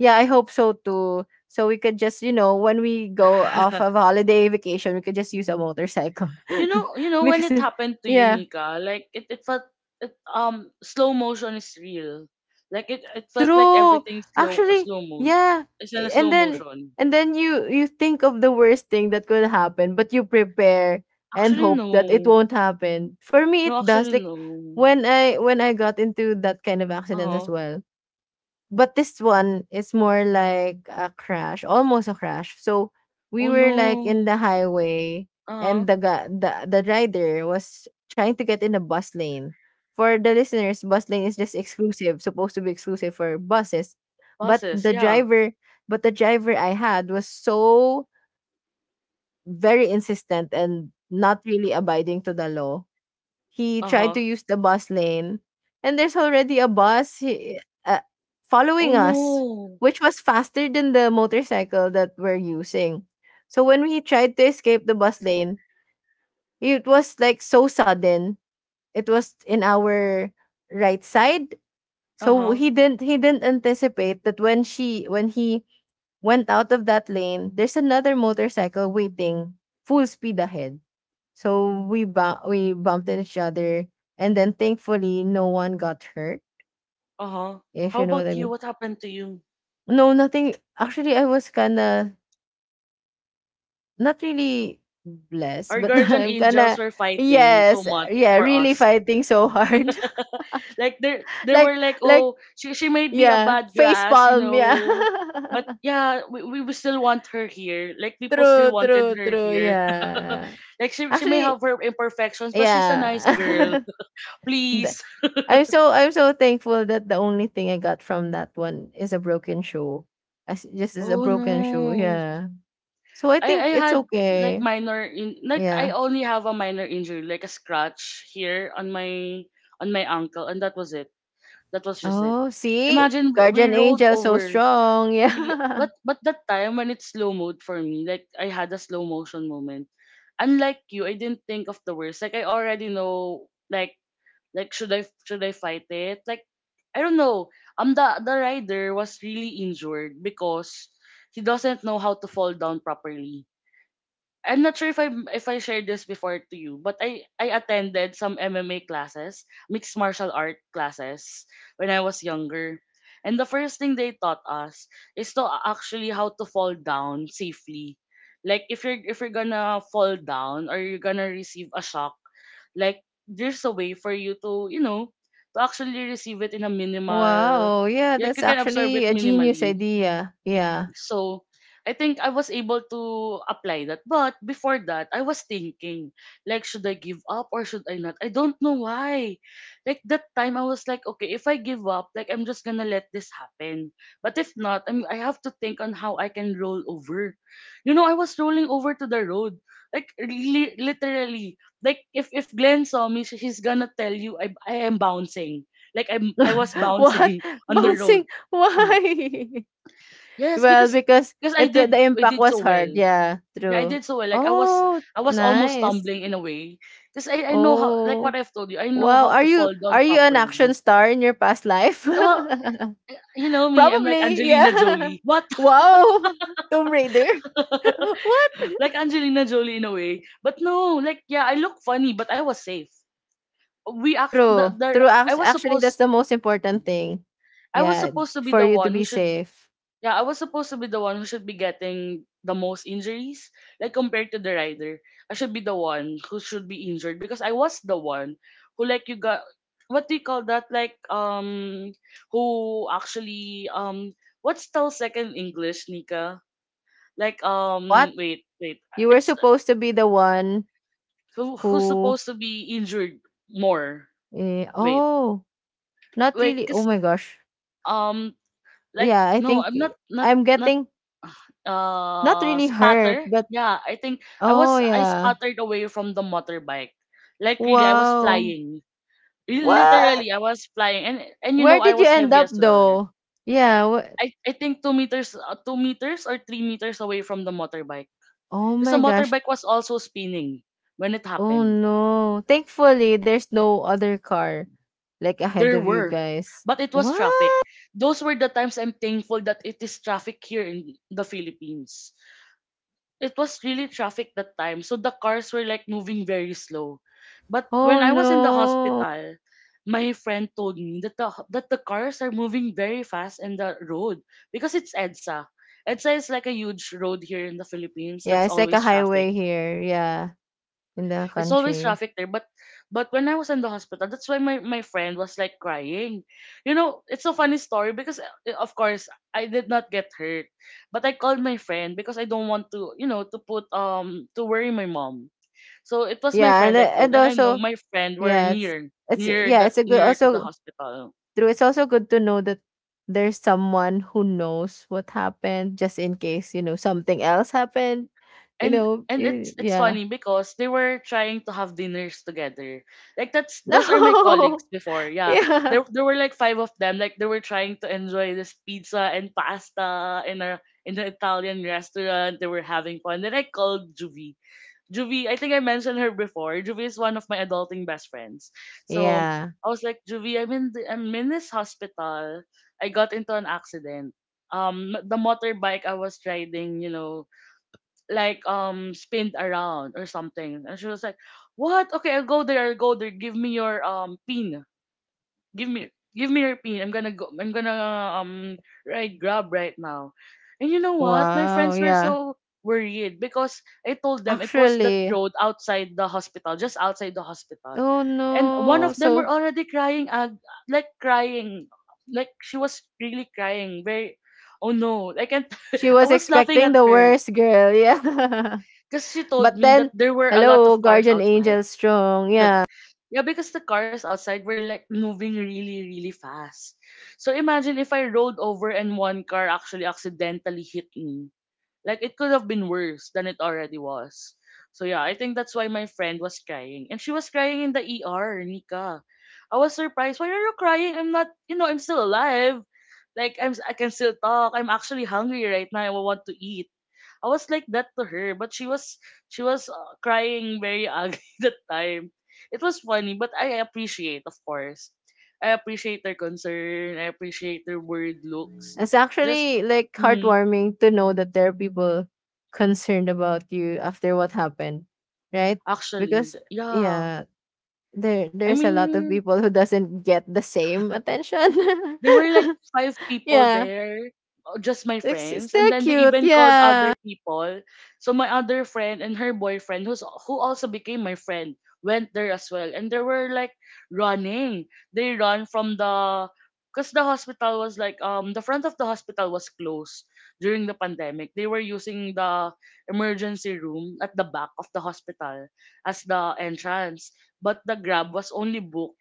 Speaker 2: Yeah, I hope so too. So we could just, you know, when we go off of holiday vacation, we could just use a motorcycle.
Speaker 1: You know, you know when
Speaker 2: Because
Speaker 1: it happened to you,
Speaker 2: yeah,
Speaker 1: Nika, like it felt, slow motion is real. Like it felt like
Speaker 2: true.
Speaker 1: everything slow
Speaker 2: Actually,
Speaker 1: mode.
Speaker 2: yeah.
Speaker 1: It's in a
Speaker 2: And
Speaker 1: slow
Speaker 2: then
Speaker 1: motion.
Speaker 2: and then you think of the worst thing that could happen, but you prepare and
Speaker 1: Actually
Speaker 2: hope that it
Speaker 1: no.
Speaker 2: won't happen. For me it
Speaker 1: No,
Speaker 2: does,
Speaker 1: actually
Speaker 2: like
Speaker 1: no.
Speaker 2: when I got into that kind of accident as
Speaker 1: Uh-huh.
Speaker 2: well. But this one is more like a crash, almost a crash. So we
Speaker 1: Oh
Speaker 2: were like in the
Speaker 1: no.
Speaker 2: highway, and
Speaker 1: Uh-huh.
Speaker 2: the ga- the rider was trying to get in the bus lane. For the listeners, bus lane is just exclusive, supposed to be exclusive for buses. But
Speaker 1: Bosses.
Speaker 2: the
Speaker 1: Yeah.
Speaker 2: driver, but the driver I had was so very insistent and not really abiding to the law, he tried to
Speaker 1: Uh-huh.
Speaker 2: use the bus lane, and there's already a bus he, following
Speaker 1: Oh
Speaker 2: us,
Speaker 1: no.
Speaker 2: which was faster than the motorcycle that we're using. So when we tried to escape the bus lane, it was like so sudden. It was in our right side. So
Speaker 1: Uh-huh.
Speaker 2: he didn't anticipate that when she when he went out of that lane, there's another motorcycle waiting full speed ahead. So we bumped at each other, and then thankfully no one got hurt.
Speaker 1: Uh-huh.
Speaker 2: If
Speaker 1: How
Speaker 2: you know what
Speaker 1: about
Speaker 2: I
Speaker 1: you?
Speaker 2: mean.
Speaker 1: What happened to you?
Speaker 2: No, nothing. Actually, I was kinda not really blessed,
Speaker 1: Our
Speaker 2: but
Speaker 1: guardian
Speaker 2: I'm
Speaker 1: angels
Speaker 2: kinda
Speaker 1: were fighting so
Speaker 2: yes,
Speaker 1: much
Speaker 2: yeah,
Speaker 1: for
Speaker 2: really
Speaker 1: us.
Speaker 2: fighting so hard.
Speaker 1: Like there they were
Speaker 2: like
Speaker 1: like,
Speaker 2: like
Speaker 1: oh, she might be a
Speaker 2: yeah,
Speaker 1: bad
Speaker 2: face
Speaker 1: grass, you
Speaker 2: palm. Yeah,
Speaker 1: know. But yeah, we, we still want her here. Like people still
Speaker 2: true,
Speaker 1: wanted
Speaker 2: true,
Speaker 1: her
Speaker 2: true.
Speaker 1: here.
Speaker 2: Yeah,
Speaker 1: Like she may
Speaker 2: actually,
Speaker 1: have her imperfections, but she's a nice girl.
Speaker 2: yeah. Th-
Speaker 1: Please.
Speaker 2: I'm so, I'm so thankful that the only thing I got from that one is a broken shoe. As just is a
Speaker 1: Oh
Speaker 2: broken shoe,
Speaker 1: no.
Speaker 2: yeah. So I
Speaker 1: I
Speaker 2: think
Speaker 1: I
Speaker 2: it's
Speaker 1: had, like,
Speaker 2: okay.
Speaker 1: minor in, like,
Speaker 2: Yeah.
Speaker 1: I only have a minor injury, like a scratch here on my ankle, and that was it. That was just it.
Speaker 2: Oh, see?
Speaker 1: Imagine we
Speaker 2: Guardian
Speaker 1: rolled
Speaker 2: angel so
Speaker 1: over,
Speaker 2: strong.
Speaker 1: really,
Speaker 2: Yeah.
Speaker 1: but that time when it's slow mode for me, like I had a slow motion moment. Unlike you, I didn't think of the worst. Like I already know, like, should I fight it? Like, I don't know. The rider was really injured because he doesn't know how to fall down properly. I'm not sure if I shared this before to you, but I attended some MMA classes, mixed martial art classes, when I was younger. And the first thing they taught us is to actually how to fall down safely. Like if you're gonna fall down, or you're gonna receive a shock, like, there's a way for you to, you know, to actually receive it in a minimal,
Speaker 2: Wow. Yeah,
Speaker 1: like you
Speaker 2: that's
Speaker 1: can absorb
Speaker 2: actually
Speaker 1: it
Speaker 2: a genius
Speaker 1: minimally.
Speaker 2: idea. Yeah.
Speaker 1: So I think I was able to apply that. But before that, I was thinking, like, should I give up or should I not? I don't know why. Like that time, I was like, okay, if I give up, like, I'm just gonna let this happen. But if not, I'm, I have to think on how I can roll over. You know, I was rolling over to the road, like, really, literally. Like if Glenn saw me, she's gonna tell you I am bouncing. Like I was
Speaker 2: What?
Speaker 1: bouncing on the road.
Speaker 2: Bouncing?
Speaker 1: Hmm.
Speaker 2: Why?
Speaker 1: Yes,
Speaker 2: Well, because
Speaker 1: because
Speaker 2: it the
Speaker 1: I
Speaker 2: impact
Speaker 1: did
Speaker 2: was
Speaker 1: so well.
Speaker 2: hard. Yeah,
Speaker 1: Yeah, I
Speaker 2: true.
Speaker 1: did so well. Like I was,
Speaker 2: Oh,
Speaker 1: I was almost
Speaker 2: nice.
Speaker 1: stumbling in a way, because I know how, like what
Speaker 2: Oh.
Speaker 1: I've told you, I know
Speaker 2: Wow,
Speaker 1: how
Speaker 2: are
Speaker 1: to
Speaker 2: you
Speaker 1: fall down
Speaker 2: are you an
Speaker 1: properly.
Speaker 2: action star in your past life?
Speaker 1: Well, you know me, I'm like
Speaker 2: Probably,
Speaker 1: Angelina
Speaker 2: yeah.
Speaker 1: Jolie. What?
Speaker 2: Wow, Tomb Raider. What?
Speaker 1: Like Angelina Jolie in a way. But no, like, yeah, I look funny, but I was safe. We actually
Speaker 2: True,
Speaker 1: the
Speaker 2: true.
Speaker 1: I was
Speaker 2: Actually, that's
Speaker 1: supposed,
Speaker 2: the most important thing.
Speaker 1: I was
Speaker 2: Yeah,
Speaker 1: supposed to be
Speaker 2: for
Speaker 1: the
Speaker 2: you to
Speaker 1: one who
Speaker 2: be
Speaker 1: should,
Speaker 2: safe.
Speaker 1: yeah, I was supposed to be the one who should be getting the most injuries, like compared to the rider. I should be the one who should be injured because I was the one who, like, you got, what do you call that? Like who actually what's still second English, Nika? Like
Speaker 2: What?
Speaker 1: wait, wait.
Speaker 2: You were
Speaker 1: It's
Speaker 2: supposed to be the one
Speaker 1: who, who's
Speaker 2: who.
Speaker 1: supposed to be injured more.
Speaker 2: Eh,
Speaker 1: Wait.
Speaker 2: oh, not
Speaker 1: Wait,
Speaker 2: really. Oh
Speaker 1: cause
Speaker 2: my gosh.
Speaker 1: um like
Speaker 2: Yeah, I
Speaker 1: no,
Speaker 2: think
Speaker 1: I'm not, not
Speaker 2: I'm
Speaker 1: not
Speaker 2: getting not really hurt,
Speaker 1: spatter,
Speaker 2: but
Speaker 1: yeah, I think
Speaker 2: oh
Speaker 1: I
Speaker 2: yeah.
Speaker 1: sputtered away from the motorbike. Like really, I was
Speaker 2: Wow.
Speaker 1: flying.
Speaker 2: What?
Speaker 1: Literally I was flying, and you
Speaker 2: Where
Speaker 1: know, I
Speaker 2: did you
Speaker 1: was
Speaker 2: end
Speaker 1: heavy
Speaker 2: up
Speaker 1: as well, right?
Speaker 2: though? Yeah.
Speaker 1: I think 2 meters, or 3 meters away from the motorbike,
Speaker 2: Oh
Speaker 1: because the
Speaker 2: my gosh.
Speaker 1: motorbike was also spinning when it
Speaker 2: Oh
Speaker 1: happened.
Speaker 2: no. Thankfully, there's no other car like ahead
Speaker 1: There
Speaker 2: of you
Speaker 1: were,
Speaker 2: guys.
Speaker 1: but it was traffic.
Speaker 2: What?
Speaker 1: Those were the times I'm thankful that it is traffic here in the Philippines. It was really traffic that time. So the cars were like moving very slow. But when
Speaker 2: Oh
Speaker 1: I was in the
Speaker 2: no.
Speaker 1: hospital, my friend told me that the cars are moving very fast in the road because it's EDSA. EDSA is like a huge road here in the Philippines
Speaker 2: Yeah,
Speaker 1: that's
Speaker 2: it's like a
Speaker 1: always traffic.
Speaker 2: highway here. Yeah, in the
Speaker 1: It's always
Speaker 2: country.
Speaker 1: traffic there. But when I was in the hospital, that's why my, my friend was like crying. You know, it's a funny story because of course I did not get hurt. But I called my friend because I don't want to, you know, to put to worry my mom. So it was my
Speaker 2: Yeah,
Speaker 1: friend I called,
Speaker 2: and
Speaker 1: and I know
Speaker 2: also
Speaker 1: my friend were
Speaker 2: yeah, it's
Speaker 1: near
Speaker 2: it's
Speaker 1: near
Speaker 2: yeah, it's
Speaker 1: that
Speaker 2: a good
Speaker 1: near to the
Speaker 2: also
Speaker 1: hospital.
Speaker 2: true. It's also good to know that there's someone who knows what happened, just in case you know something else happened. You
Speaker 1: and
Speaker 2: know,
Speaker 1: and
Speaker 2: eh,
Speaker 1: it's
Speaker 2: yeah.
Speaker 1: funny because they were trying to have dinners together. Like that's those are my colleagues
Speaker 2: No.
Speaker 1: before. Yeah.
Speaker 2: Yeah.
Speaker 1: There there were like five of them. Like they were trying to enjoy this pizza and pasta in a in an Italian restaurant. They were having fun. Then I called Juvie. Juvie, I think I mentioned her before. Juvie is one of my adulting best friends. So
Speaker 2: Yeah.
Speaker 1: I was like, Juvie, I'm in this hospital. I got into an accident. The motorbike I was riding, you know, like spinned around or something. And she was like, "What? Okay, I'll go there. I'll go there. Give me your pin. Give me your pin. I'm gonna go. I'm gonna um ride Grab right now." And you know what? My
Speaker 2: Wow,
Speaker 1: friends were
Speaker 2: yeah.
Speaker 1: so worried because I told them it was that
Speaker 2: Actually.
Speaker 1: road outside the hospital, just outside the hospital.
Speaker 2: Oh
Speaker 1: And one of
Speaker 2: no.
Speaker 1: them were
Speaker 2: So
Speaker 1: already crying, like crying, like she was really crying. Very, oh no, I can't.
Speaker 2: she was
Speaker 1: I was laughing
Speaker 2: expecting
Speaker 1: at
Speaker 2: the
Speaker 1: her
Speaker 2: worst, girl. Yeah.
Speaker 1: because she told
Speaker 2: But
Speaker 1: me that
Speaker 2: then
Speaker 1: there were a lot
Speaker 2: hello,
Speaker 1: of cars
Speaker 2: guardian
Speaker 1: outside.
Speaker 2: angel strong. Yeah.
Speaker 1: Yeah, because the cars outside were like moving really, really fast. So imagine if I rolled over and one car actually accidentally hit me. Like it could have been worse than it already was. So yeah, I think that's why my friend was crying. And she was crying in the ER, Nika. I was surprised. Why are you crying? I'm not, you know, I'm still alive. Like I can still talk. I'm actually hungry right now. I want to eat. I was like that to her, but she was crying very ugly that time. It was funny, but I appreciate, of course. I appreciate their concern. I appreciate their worried looks.
Speaker 2: It's
Speaker 1: Just,
Speaker 2: actually like
Speaker 1: mhm,
Speaker 2: heartwarming to know that there are people concerned about you after what happened. Right?
Speaker 1: actually,
Speaker 2: Because
Speaker 1: yeah.
Speaker 2: yeah, there
Speaker 1: I
Speaker 2: there's a lot of
Speaker 1: mean,
Speaker 2: people who doesn't get the same attention.
Speaker 1: there were like five people
Speaker 2: Yeah.
Speaker 1: there, just my
Speaker 2: It's
Speaker 1: friends, and
Speaker 2: still
Speaker 1: then they
Speaker 2: cute.
Speaker 1: even called
Speaker 2: Yeah.
Speaker 1: other people. So my other friend and her boyfriend, who also became my friend, went there as well, and they were like running. They run from the because the hospital was like the front of the hospital was closed during the pandemic. They were using the emergency room at the back of the hospital as the entrance, but the grab was only booked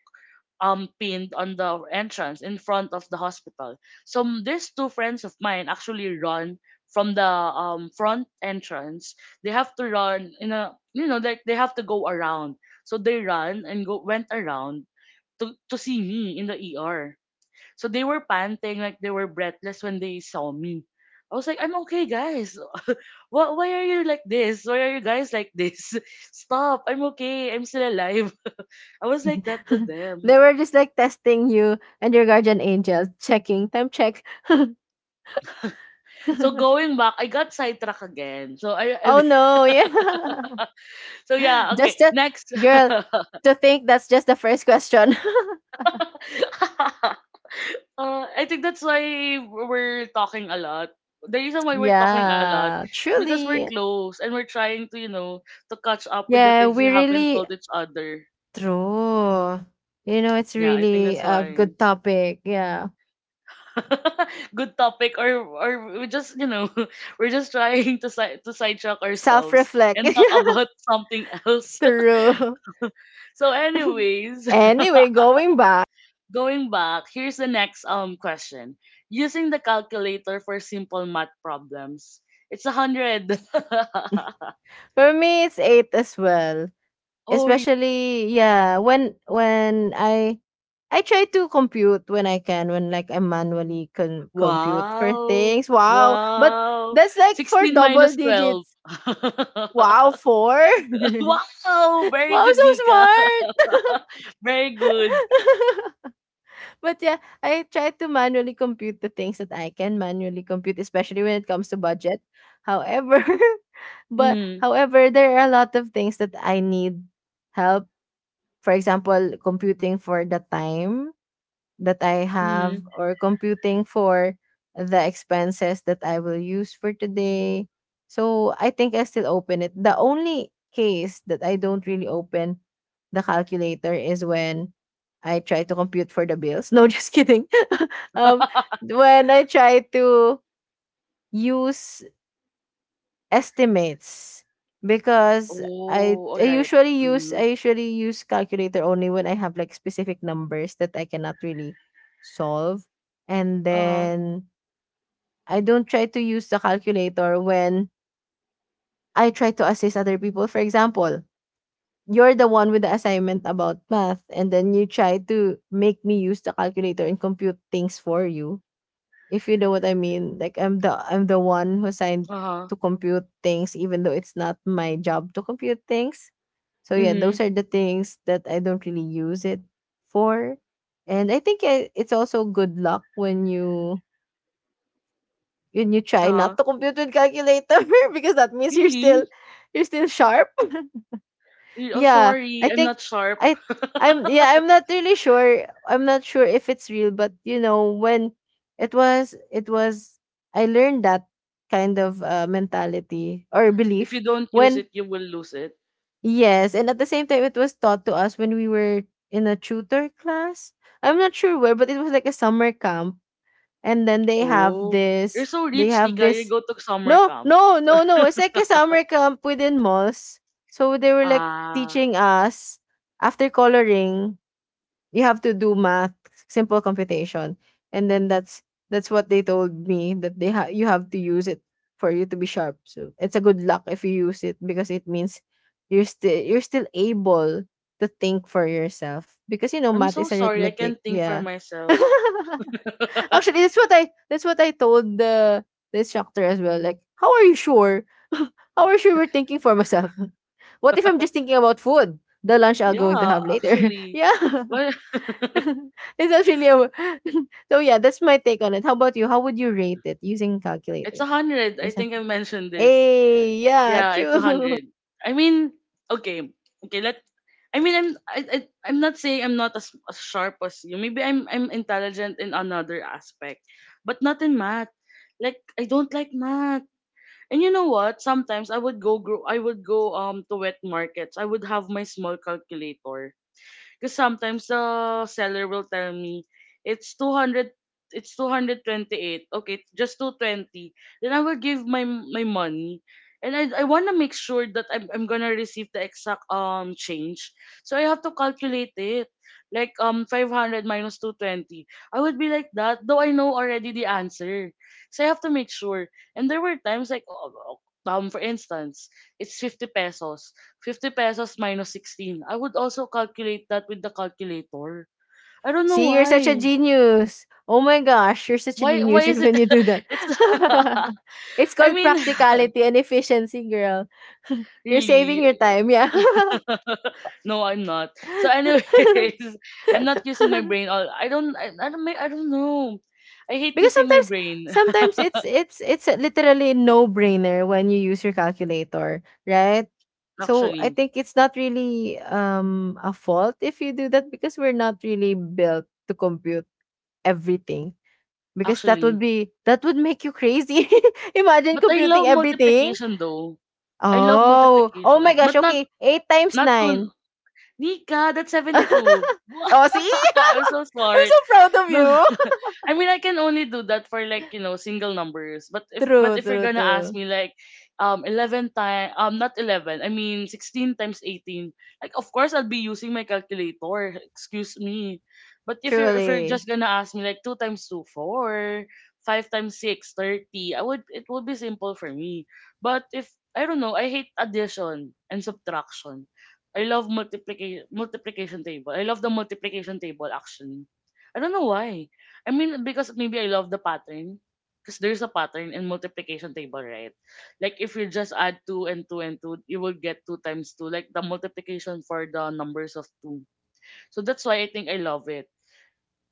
Speaker 1: pinned on the entrance in front of the hospital. So these two friends of mine actually run from the front entrance. They have to run in a you know, like they have to go around. So they run and go went around to see me in the ER. So they were panting like they were breathless when they saw me. I was like, I'm okay, guys. What? Why are you like this? Why are you guys like this? Stop! I'm okay. I'm still alive. I was like that to them.
Speaker 2: They were just like testing you and your guardian angel, checking time check.
Speaker 1: So going back, I got sidetracked again. So I,
Speaker 2: Oh
Speaker 1: I
Speaker 2: no, yeah.
Speaker 1: so yeah, okay.
Speaker 2: Just to,
Speaker 1: Next.
Speaker 2: girl, to think that's just the first question.
Speaker 1: I think that's why we're talking a lot. The reason why we're talking a lot
Speaker 2: Yeah,
Speaker 1: is because we're
Speaker 2: truly.
Speaker 1: close and we're trying to catch up with the
Speaker 2: Yeah,
Speaker 1: things we
Speaker 2: we
Speaker 1: haven't
Speaker 2: really
Speaker 1: told each other.
Speaker 2: true. You know, it's
Speaker 1: Yeah, I think
Speaker 2: really
Speaker 1: that's
Speaker 2: a
Speaker 1: why.
Speaker 2: good topic. Yeah.
Speaker 1: Good topic or we just, we're just trying to sidetrack ourselves
Speaker 2: Self-reflect.
Speaker 1: and talk about something else.
Speaker 2: True.
Speaker 1: So, anyways,
Speaker 2: Anyway, going back.
Speaker 1: going back, here's the next question. Using the calculator for simple math problems. It's 100.
Speaker 2: For me it's eight as well.
Speaker 1: Oh,
Speaker 2: Especially yeah, when when I try to compute when I can, when like I manually can compute for
Speaker 1: wow.
Speaker 2: things. Wow. But
Speaker 1: Wow.
Speaker 2: that's like for
Speaker 1: 16
Speaker 2: double
Speaker 1: minus 12.
Speaker 2: digits. Wow, four.
Speaker 1: wow. Very
Speaker 2: Wow, so
Speaker 1: good, Dika.
Speaker 2: smart.
Speaker 1: Very good.
Speaker 2: But yeah, I try to manually compute the things that I can manually compute, especially when it comes to budget. However, but
Speaker 1: Mm,
Speaker 2: however, there are a lot of things that I need help, for example, computing for the time that I have
Speaker 1: mm.
Speaker 2: or computing for the expenses that I will use for today. So I think I still open it. The only case that I don't really open the calculator is when I try to compute for the bills. No, just kidding. um, when I try to use estimates because I
Speaker 1: oh, all
Speaker 2: I
Speaker 1: right.
Speaker 2: usually use I
Speaker 1: Mm.
Speaker 2: usually use calculator only when I have like specific numbers that I cannot really solve, and
Speaker 1: Uh-huh.
Speaker 2: then I don't try to use the calculator when I try to assist other people, for example, you're the one with the assignment about math and then you try to make me use the calculator and compute things for you, if you know what I mean, like I'm the one who assigned
Speaker 1: Uh-huh.
Speaker 2: to compute things even though it's not my job to compute things. So yeah,
Speaker 1: Mm-hmm.
Speaker 2: those are the things that I don't really use it for. And I think it's also good luck when you try not
Speaker 1: Uh-huh.
Speaker 2: to compute with calculator because that means you're still
Speaker 1: Really?
Speaker 2: you're still sharp.
Speaker 1: Oh,
Speaker 2: Yeah, I
Speaker 1: sorry. I'm
Speaker 2: think
Speaker 1: not sharp.
Speaker 2: I I'm yeah, I'm not really sure. I'm not sure if it's real, but you know, when it was I learned that kind of mentality or
Speaker 1: If
Speaker 2: belief
Speaker 1: you don't use
Speaker 2: when
Speaker 1: it, you will lose it.
Speaker 2: yes, and at the same time it was taught to us when we were in a tutor class. I'm not sure where, but it was like a summer camp and then they have
Speaker 1: Oh. You're
Speaker 2: this
Speaker 1: so
Speaker 2: they
Speaker 1: rich,
Speaker 2: have
Speaker 1: Tika. You
Speaker 2: this
Speaker 1: go to summer
Speaker 2: no,
Speaker 1: camp.
Speaker 2: no, no, no. It's like a summer camp within malls. So they were like
Speaker 1: Ah.
Speaker 2: teaching us after coloring, you have to do math, simple computation. And then that's what they told me that they you have to use it for you to be sharp. So it's a good luck if you use it because it means you're still able to think for yourself because you know
Speaker 1: I'm
Speaker 2: math is
Speaker 1: so sorry. I
Speaker 2: arithmetic.
Speaker 1: can't think for
Speaker 2: Yeah.
Speaker 1: myself.
Speaker 2: Actually, that's what I, that's what I told the instructor as well. Like, how are you sure? How are you sure we're thinking for myself? What if I'm just thinking about food? The lunch I'm going to
Speaker 1: Yeah,
Speaker 2: have later.
Speaker 1: actually.
Speaker 2: Yeah.
Speaker 1: Well,
Speaker 2: It's actually a so yeah, that's my take on it. How about you? How would you rate it using
Speaker 1: it's
Speaker 2: calculator?
Speaker 1: 100. I think I mentioned this.
Speaker 2: Hey, yeah,
Speaker 1: Yeah, it's a
Speaker 2: true.
Speaker 1: hundred. I mean, okay, okay. Let. I mean, I'm not saying I'm not as sharp as you. Maybe I'm intelligent in another aspect, but not in math. Like I don't like math. And you know what? Sometimes I would go to wet markets. I would have my small calculator because sometimes the seller will tell me it's 200 it's 228. Okay, it's just 220. Then I will give my money. And I want to make sure that I'm gonna receive the exact change. So I have to calculate it. Like 500 minus 220. I would be like that, though I know already the answer. So I have to make sure. And there were times like oh, oh, for instance, it's 50 pesos. 50 pesos minus 16. I would also calculate that with the calculator. I don't know
Speaker 2: See, you're such a
Speaker 1: why.
Speaker 2: genius. Oh my gosh, you're such a
Speaker 1: Why
Speaker 2: genius,
Speaker 1: is
Speaker 2: even
Speaker 1: it
Speaker 2: you do that.
Speaker 1: it's
Speaker 2: It's
Speaker 1: I
Speaker 2: called
Speaker 1: mean
Speaker 2: practicality and efficiency, girl. You're saving
Speaker 1: really
Speaker 2: your time, yeah.
Speaker 1: no, I'm not. So anyways, I'm not using my brain all. I don't know. I hate
Speaker 2: Because
Speaker 1: using my
Speaker 2: sometimes,
Speaker 1: brain
Speaker 2: sometimes it's a literally no brainer when you use your calculator, right? So I
Speaker 1: actually.
Speaker 2: think it's not really a fault if you do that because we're not really built to compute everything. Because that would
Speaker 1: Actually.
Speaker 2: be that would make you crazy. Imagine
Speaker 1: But I
Speaker 2: computing
Speaker 1: love
Speaker 2: everything.
Speaker 1: multiplication though. I love
Speaker 2: Oh, oh my
Speaker 1: multiplication.
Speaker 2: gosh.
Speaker 1: But
Speaker 2: Okay, 8 times
Speaker 1: not to
Speaker 2: 9.
Speaker 1: Nika, that's 72.
Speaker 2: Oh, see?
Speaker 1: I'm so
Speaker 2: I'm
Speaker 1: smart.
Speaker 2: so proud of
Speaker 1: No,
Speaker 2: you.
Speaker 1: I mean I can only do that for like you know single numbers. But if but
Speaker 2: True,
Speaker 1: if you're
Speaker 2: true,
Speaker 1: gonna ask
Speaker 2: true.
Speaker 1: me like, 11 time not 11, I mean 16 times 18, like of course I'll be using my calculator. Excuse me, but if you're just
Speaker 2: Truly.
Speaker 1: gonna ask me like two times two four, five times six thirty, I would it would be simple for me. But if I don't know, I hate addition and subtraction. I love multiplication table. I love the multiplication table actually I don't know why. I mean, because maybe I love the pattern. Because there's a pattern in multiplication table, right? Like if you just add two and two and two, you will get two times two, like the multiplication for the numbers of two. So that's why I think I love it.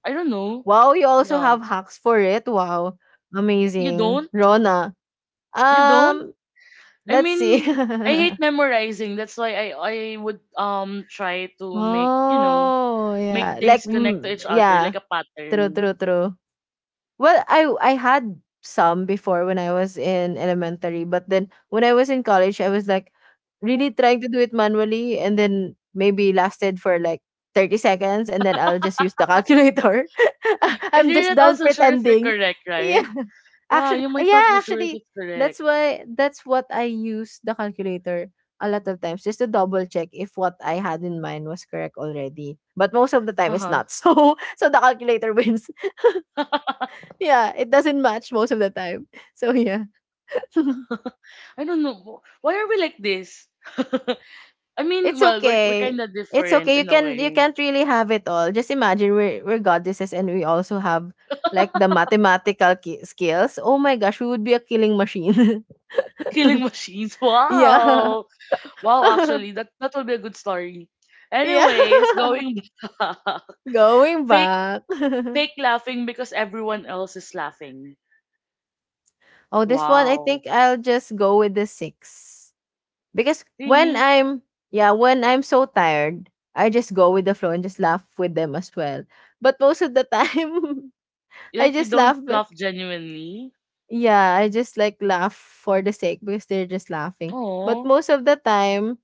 Speaker 1: I don't know.
Speaker 2: Wow, you also
Speaker 1: Yeah.
Speaker 2: have hacks for it. Wow.
Speaker 1: You
Speaker 2: Amazing.
Speaker 1: don't?
Speaker 2: Rona.
Speaker 1: You don't?
Speaker 2: Um,
Speaker 1: I
Speaker 2: let's see.
Speaker 1: mean, I hate memorizing. That's why I would try to
Speaker 2: Oh,
Speaker 1: make
Speaker 2: yeah. Like
Speaker 1: things connect to
Speaker 2: mm,
Speaker 1: each other
Speaker 2: yeah.
Speaker 1: like a
Speaker 2: True,
Speaker 1: pattern.
Speaker 2: true, true. Well, I had some before when I was in elementary, but then when I was in college, I was like really trying to do it manually, and then maybe lasted for like 30 seconds, and then I'll just use the calculator.
Speaker 1: If
Speaker 2: I'm
Speaker 1: you're
Speaker 2: just
Speaker 1: not
Speaker 2: done
Speaker 1: also sure if you're
Speaker 2: pretending.
Speaker 1: correct,
Speaker 2: Yeah,
Speaker 1: right? Yeah, you might not
Speaker 2: yeah,
Speaker 1: be sure if
Speaker 2: actually,
Speaker 1: it's
Speaker 2: that's
Speaker 1: correct.
Speaker 2: why that's what I use the calculator a lot of times just to double check if what I had in mind was correct already. But most of the time, it's
Speaker 1: Uh-huh.
Speaker 2: not. So so the calculator wins. Yeah, it doesn't match most of the time. So yeah.
Speaker 1: I don't know. Why are we like this? I mean,
Speaker 2: It's
Speaker 1: well, we're kind
Speaker 2: okay.
Speaker 1: of
Speaker 2: It's
Speaker 1: different
Speaker 2: okay. You
Speaker 1: in a
Speaker 2: can you
Speaker 1: way.
Speaker 2: can't really have it all. Just imagine we're goddesses and we also have like the mathematical skills. Oh my gosh, we would be a killing machine.
Speaker 1: Killing machines.
Speaker 2: Yeah.
Speaker 1: Wow. Wow, actually, that will be a good story.
Speaker 2: Yeah.
Speaker 1: Anyways, going back.
Speaker 2: Going
Speaker 1: fake
Speaker 2: back.
Speaker 1: Fake laughing because everyone else is laughing.
Speaker 2: Oh, this one I
Speaker 1: Wow.
Speaker 2: think I'll just go with the six. Because when
Speaker 1: Really?
Speaker 2: I'm yeah, when I'm so tired, I just go with the flow and just laugh with them as well. But most of the time I
Speaker 1: Like you
Speaker 2: just
Speaker 1: don't
Speaker 2: laugh but
Speaker 1: laugh genuinely?
Speaker 2: yeah, I just like laugh for the sake because they're just laughing. But
Speaker 1: Oh.
Speaker 2: most of the time,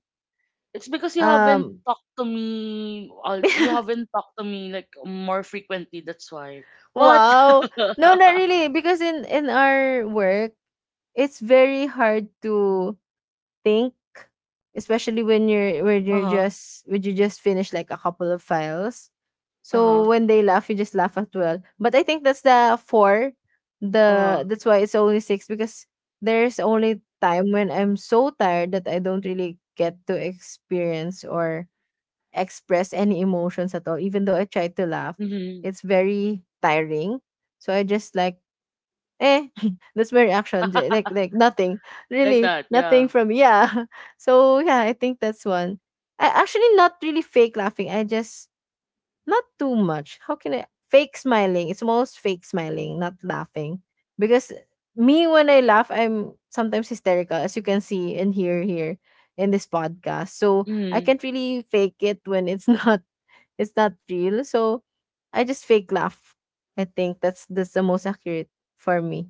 Speaker 1: It's because you haven't
Speaker 2: um
Speaker 1: talked to me. You haven't talked to me like more frequently. That's why. What?
Speaker 2: wow. No, not really because in our work, it's very hard to think, especially
Speaker 1: Uh huh.
Speaker 2: when you just finish like a couple of files.
Speaker 1: Uh
Speaker 2: So
Speaker 1: huh.
Speaker 2: when they laugh, you just laugh as well. But I think that's the four.
Speaker 1: Uh
Speaker 2: The
Speaker 1: huh.
Speaker 2: That's why it's only six because there's only time when I'm so tired that I don't really get to experience or express any emotions at all. Even though I try to laugh,
Speaker 1: Mm-hmm.
Speaker 2: it's very tiring. So I just like "Eh," that's my reaction, like nothing,
Speaker 1: Like
Speaker 2: really
Speaker 1: that.
Speaker 2: nothing
Speaker 1: Yeah.
Speaker 2: from yeah. So yeah, I think that's one. I actually not really fake laughing. I just not too much. How can I fake smiling? It's almost fake smiling, not laughing, because me when I laugh, I'm sometimes hysterical, as you can see and hear here in this podcast. So I
Speaker 1: Mm.
Speaker 2: can't really fake it when it's not it's not real. So I just fake laugh. I think that's the most accurate for me.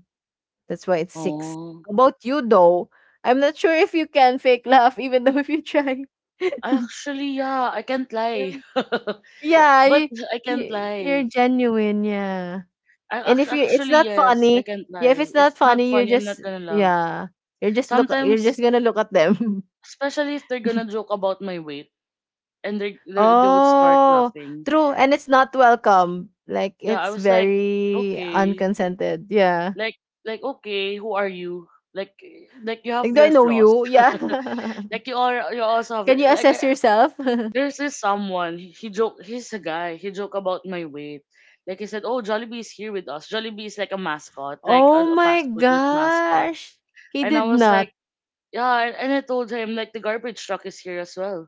Speaker 2: That's why it's six.
Speaker 1: Oh.
Speaker 2: How about you though? I'm not sure if you can fake laugh even though if you try.
Speaker 1: I actually, yeah. I can't lie.
Speaker 2: Um, yeah,
Speaker 1: But I can't
Speaker 2: you're
Speaker 1: lie.
Speaker 2: genuine, yeah.
Speaker 1: I
Speaker 2: And if you it's
Speaker 1: actually,
Speaker 2: not
Speaker 1: yes. I
Speaker 2: funny,
Speaker 1: can't
Speaker 2: yeah, if
Speaker 1: lie.
Speaker 2: it's
Speaker 1: If
Speaker 2: not
Speaker 1: it's not
Speaker 2: funny, you
Speaker 1: funny, I'm
Speaker 2: just
Speaker 1: not gonna laugh.
Speaker 2: yeah. You're
Speaker 1: Sometimes,
Speaker 2: just gonna look at them.
Speaker 1: especially if they're gonna joke about my weight and they would start
Speaker 2: Oh,
Speaker 1: laughing.
Speaker 2: true. And it's not welcome. Like
Speaker 1: Yeah. I
Speaker 2: it's
Speaker 1: was like,
Speaker 2: very
Speaker 1: okay.
Speaker 2: unconsented. Yeah.
Speaker 1: Like, like, okay, who are you, like like, you have
Speaker 2: Like do I
Speaker 1: your
Speaker 2: know
Speaker 1: flaws.
Speaker 2: you? Yeah.
Speaker 1: Like you also have
Speaker 2: Can you
Speaker 1: your, like I,
Speaker 2: assess yourself?
Speaker 1: there's this someone, he's a guy, he joke about my weight. Like he said, oh, Jollibee is here with us. Jollibee is like a mascot, like
Speaker 2: Oh
Speaker 1: a
Speaker 2: my
Speaker 1: fast food with mascot.
Speaker 2: gosh! He
Speaker 1: And I
Speaker 2: did
Speaker 1: was
Speaker 2: not.
Speaker 1: like, yeah. And I told him, like, the garbage truck is here as well,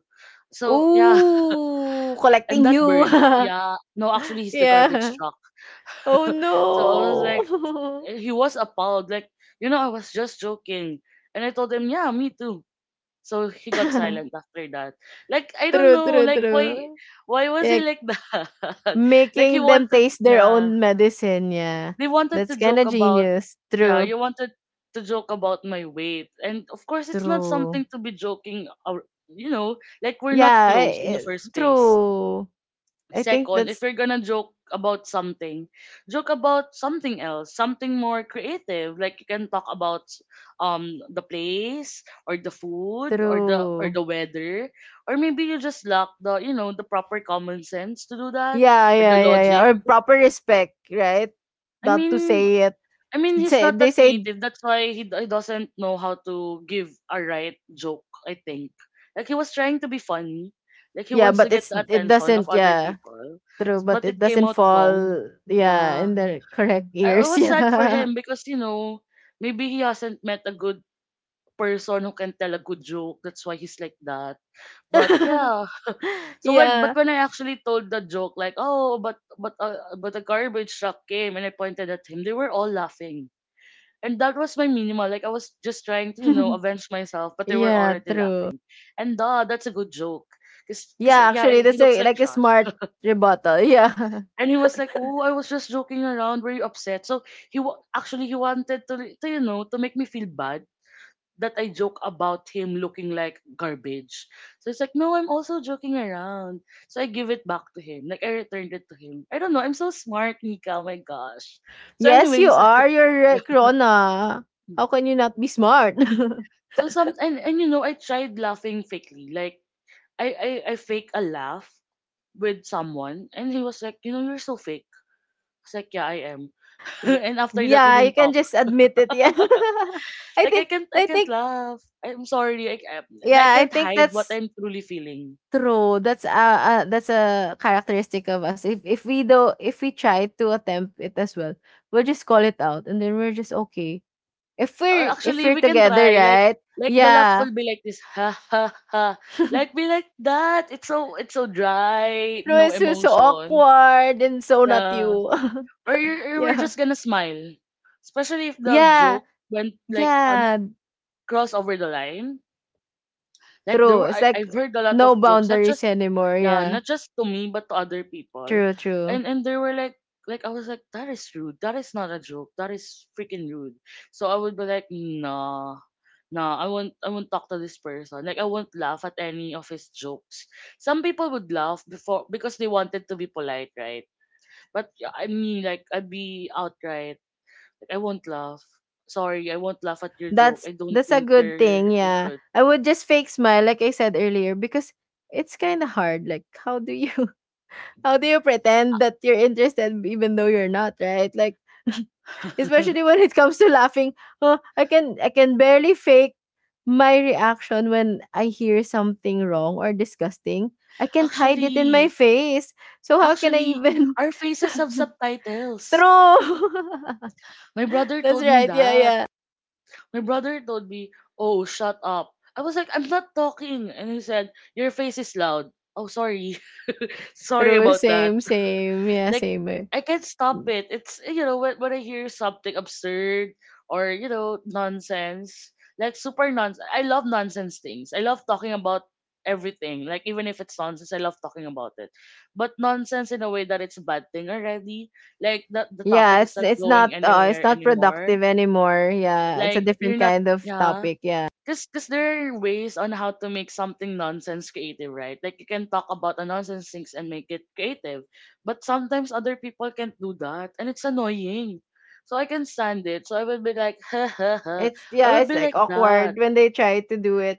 Speaker 1: so yeah.
Speaker 2: Ooh,
Speaker 1: And
Speaker 2: collecting
Speaker 1: that
Speaker 2: you.
Speaker 1: burned. Yeah, no, actually he's the garbage
Speaker 2: Yeah.
Speaker 1: truck.
Speaker 2: Oh
Speaker 1: So I was like,
Speaker 2: no.
Speaker 1: he was appalled. Like, you know, I was just joking. And I told him, yeah, me too. So he got silent after that. Like, I don't
Speaker 2: True,
Speaker 1: know.
Speaker 2: true,
Speaker 1: Like,
Speaker 2: true.
Speaker 1: why was he
Speaker 2: Like
Speaker 1: like that? Like, he
Speaker 2: making them
Speaker 1: wanted,
Speaker 2: taste their
Speaker 1: yeah,
Speaker 2: own medicine, yeah.
Speaker 1: they wanted to
Speaker 2: That's kind
Speaker 1: joke
Speaker 2: of
Speaker 1: about,
Speaker 2: genius.
Speaker 1: yeah,
Speaker 2: True,
Speaker 1: you wanted to joke about my weight. And of course, it's not
Speaker 2: true.
Speaker 1: something to be joking, or, you know, like we're not
Speaker 2: Yeah, I
Speaker 1: close in the
Speaker 2: I
Speaker 1: first place.
Speaker 2: true. I think
Speaker 1: Second, if
Speaker 2: that's
Speaker 1: you're gonna joke about something else, something more creative. Like you can talk about the place or the food or
Speaker 2: true.
Speaker 1: the weather, or maybe you just lack the you know the proper common sense to do that
Speaker 2: Yeah,
Speaker 1: or the
Speaker 2: yeah, yeah, yeah.
Speaker 1: logic.
Speaker 2: Or proper respect, right?
Speaker 1: I
Speaker 2: Not to
Speaker 1: mean,
Speaker 2: say it.
Speaker 1: he's
Speaker 2: Say,
Speaker 1: not
Speaker 2: they
Speaker 1: that
Speaker 2: say.
Speaker 1: creative. That's why he doesn't know how to give a right joke, I think. Like, he was trying to be funny. Like, he
Speaker 2: Yeah,
Speaker 1: wants to
Speaker 2: but
Speaker 1: get
Speaker 2: it's
Speaker 1: the
Speaker 2: it
Speaker 1: attention of
Speaker 2: doesn't
Speaker 1: other
Speaker 2: yeah,
Speaker 1: people.
Speaker 2: true, but
Speaker 1: But
Speaker 2: it
Speaker 1: it came
Speaker 2: doesn't
Speaker 1: out
Speaker 2: fall
Speaker 1: wrong.
Speaker 2: yeah,
Speaker 1: Yeah.
Speaker 2: in the correct
Speaker 1: I
Speaker 2: ears.
Speaker 1: was sad for
Speaker 2: Yeah.
Speaker 1: him because, maybe he hasn't met a good person who can tell a good joke. That's why he's like that. But yeah, so when
Speaker 2: yeah.
Speaker 1: but when I actually told the joke like but a garbage truck came and I pointed at him, they were all laughing and that was my minimal. Like I was just trying to, you know, avenge myself, but they were
Speaker 2: yeah,
Speaker 1: already
Speaker 2: true.
Speaker 1: laughing. And duh, that's a good joke. Cause,
Speaker 2: Yeah,
Speaker 1: 'cause, yeah,
Speaker 2: actually
Speaker 1: he
Speaker 2: that's
Speaker 1: looks
Speaker 2: a
Speaker 1: like
Speaker 2: like a
Speaker 1: trash.
Speaker 2: smart rebuttal. Yeah.
Speaker 1: And he was like, "Oh, I was just joking around. Were you upset?" So actually he wanted to you know, to make me feel bad that I joke about him looking like garbage. So it's like, "No, I'm also joking around." So I give it back to him. Like I returned it to him. I don't know. I'm so smart, Nika. Oh my gosh. So
Speaker 2: Yes, you
Speaker 1: anyways,
Speaker 2: are. You're right, Rona. How can you not be smart?
Speaker 1: and you know, I tried laughing fakely, like I fake a laugh with someone, and he was like, you know, you're so fake. I was like, yeah, I am.
Speaker 2: yeah.
Speaker 1: And after that, we
Speaker 2: Yeah, you
Speaker 1: didn't
Speaker 2: can
Speaker 1: talk.
Speaker 2: just admit it. Yeah. I
Speaker 1: Like
Speaker 2: think
Speaker 1: I
Speaker 2: I
Speaker 1: can't
Speaker 2: think
Speaker 1: laugh. I'm sorry. I
Speaker 2: yeah, I
Speaker 1: can't
Speaker 2: think
Speaker 1: hide what
Speaker 2: that's
Speaker 1: I'm truly feeling.
Speaker 2: true. That's a that's a characteristic of us. If we do if we try to attempt it as well, we'll just call it out and then we're just okay. If
Speaker 1: Actually,
Speaker 2: we're
Speaker 1: we can
Speaker 2: together,
Speaker 1: try. Like
Speaker 2: right?
Speaker 1: the laugh
Speaker 2: Yeah.
Speaker 1: will be like this, ha ha ha. Like be like that. It's so dry.
Speaker 2: No,
Speaker 1: No
Speaker 2: it's so, so
Speaker 1: emotions.
Speaker 2: awkward and so not
Speaker 1: Yeah.
Speaker 2: you.
Speaker 1: Or you were
Speaker 2: yeah.
Speaker 1: just gonna smile, especially if the
Speaker 2: Yeah.
Speaker 1: joke went like on
Speaker 2: Yeah.
Speaker 1: cross over the line. Like there
Speaker 2: True.
Speaker 1: were
Speaker 2: It's like
Speaker 1: I've heard a lot of
Speaker 2: no
Speaker 1: jokes, not
Speaker 2: boundaries
Speaker 1: just
Speaker 2: anymore.
Speaker 1: yeah,
Speaker 2: Yeah.
Speaker 1: not just to me but to other people.
Speaker 2: True, true.
Speaker 1: And they were like I was like, that is rude. That is not a joke. That is freaking rude. So I would be like, nah, nah, I won't talk to this person. Like I won't laugh at any of his jokes. Some people would laugh before because they wanted to be polite, right? But yeah, I mean like I'd be outright. Like I won't laugh. Sorry, I won't laugh at your joke.
Speaker 2: That's
Speaker 1: I don't
Speaker 2: that's a
Speaker 1: think
Speaker 2: good thing,
Speaker 1: you're
Speaker 2: yeah.
Speaker 1: good.
Speaker 2: I would just fake smile like I said earlier because it's kind of hard. Like, how do you pretend that you're interested even though you're not, right? Like especially when it comes to laughing, huh, I can barely fake my reaction when I hear something wrong or disgusting. I can't hide it in my
Speaker 1: Actually,
Speaker 2: face. So how can I
Speaker 1: actually,
Speaker 2: even
Speaker 1: our faces have subtitles.
Speaker 2: true.
Speaker 1: My brother
Speaker 2: That's
Speaker 1: told me
Speaker 2: right. Yeah,
Speaker 1: that.
Speaker 2: yeah.
Speaker 1: My brother told me, "Oh, shut up." I was like, "I'm not talking," and he said, "Your face is loud." Oh, sorry, sorry
Speaker 2: True,
Speaker 1: about that.
Speaker 2: same, same. Yeah,
Speaker 1: Like
Speaker 2: same. Eh.
Speaker 1: I can't stop
Speaker 2: Mm.
Speaker 1: it. It's you know when I hear something absurd or you know nonsense, like super nonsense. I love nonsense things. I love talking about everything. Like even if it's nonsense, I love talking about it. But nonsense in a way that it's a bad thing already. Like that the
Speaker 2: Yeah,
Speaker 1: topic is not going
Speaker 2: it's
Speaker 1: anywhere
Speaker 2: not
Speaker 1: anymore.
Speaker 2: productive anymore. Yeah, it's a
Speaker 1: Like you're
Speaker 2: different
Speaker 1: not
Speaker 2: kind of
Speaker 1: yeah.
Speaker 2: topic. Yeah.
Speaker 1: 'Cause there are ways on how to make something nonsense creative, right? Like you can talk about a nonsense things and make it creative, but sometimes other people can't do that, and it's annoying. So I can stand it. So I would be like, ha ha ha.
Speaker 2: It's
Speaker 1: I
Speaker 2: yeah,
Speaker 1: would
Speaker 2: it's
Speaker 1: be
Speaker 2: like
Speaker 1: like that.
Speaker 2: awkward when they try to do it.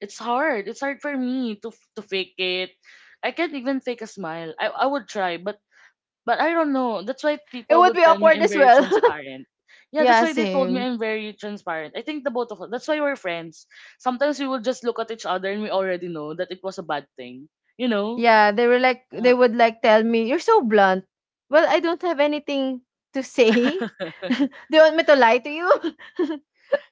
Speaker 1: It's hard. It's hard for me to to fake it. I can't even fake a smile. I would try, but I don't know. That's why
Speaker 2: It
Speaker 1: people
Speaker 2: would
Speaker 1: would
Speaker 2: be
Speaker 1: tell me
Speaker 2: awkward
Speaker 1: I'm
Speaker 2: as
Speaker 1: very
Speaker 2: well.
Speaker 1: transparent. Yeah, that's
Speaker 2: yeah,
Speaker 1: why they told me
Speaker 2: same.
Speaker 1: I'm very transparent. I think the both of us. That's why we're friends. Sometimes we will just look at each other and we already know that it was a bad thing. You know?
Speaker 2: Yeah, they were like they
Speaker 1: Uh,
Speaker 2: would like tell me, "You're so blunt." Well, I don't have anything to say. Do you want me to lie to you?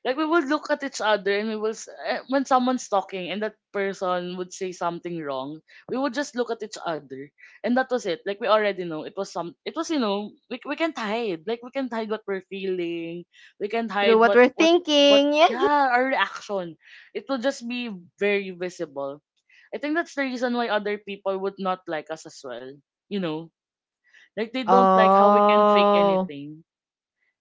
Speaker 1: like we would look at each other and we will s- eh, when someone's talking and that person would say something wrong, we would just look at each other, and that was it. Like we already know it was, you know, we can't hide. Like we can't hide what we're feeling. We can't
Speaker 2: Through
Speaker 1: hide
Speaker 2: what we're
Speaker 1: what what
Speaker 2: thinking. Yeah.
Speaker 1: yeah, our reaction, it will just be very visible. I think that's the reason why other people would not like us as well, you know, like they don't like how we can fake
Speaker 2: Oh,
Speaker 1: anything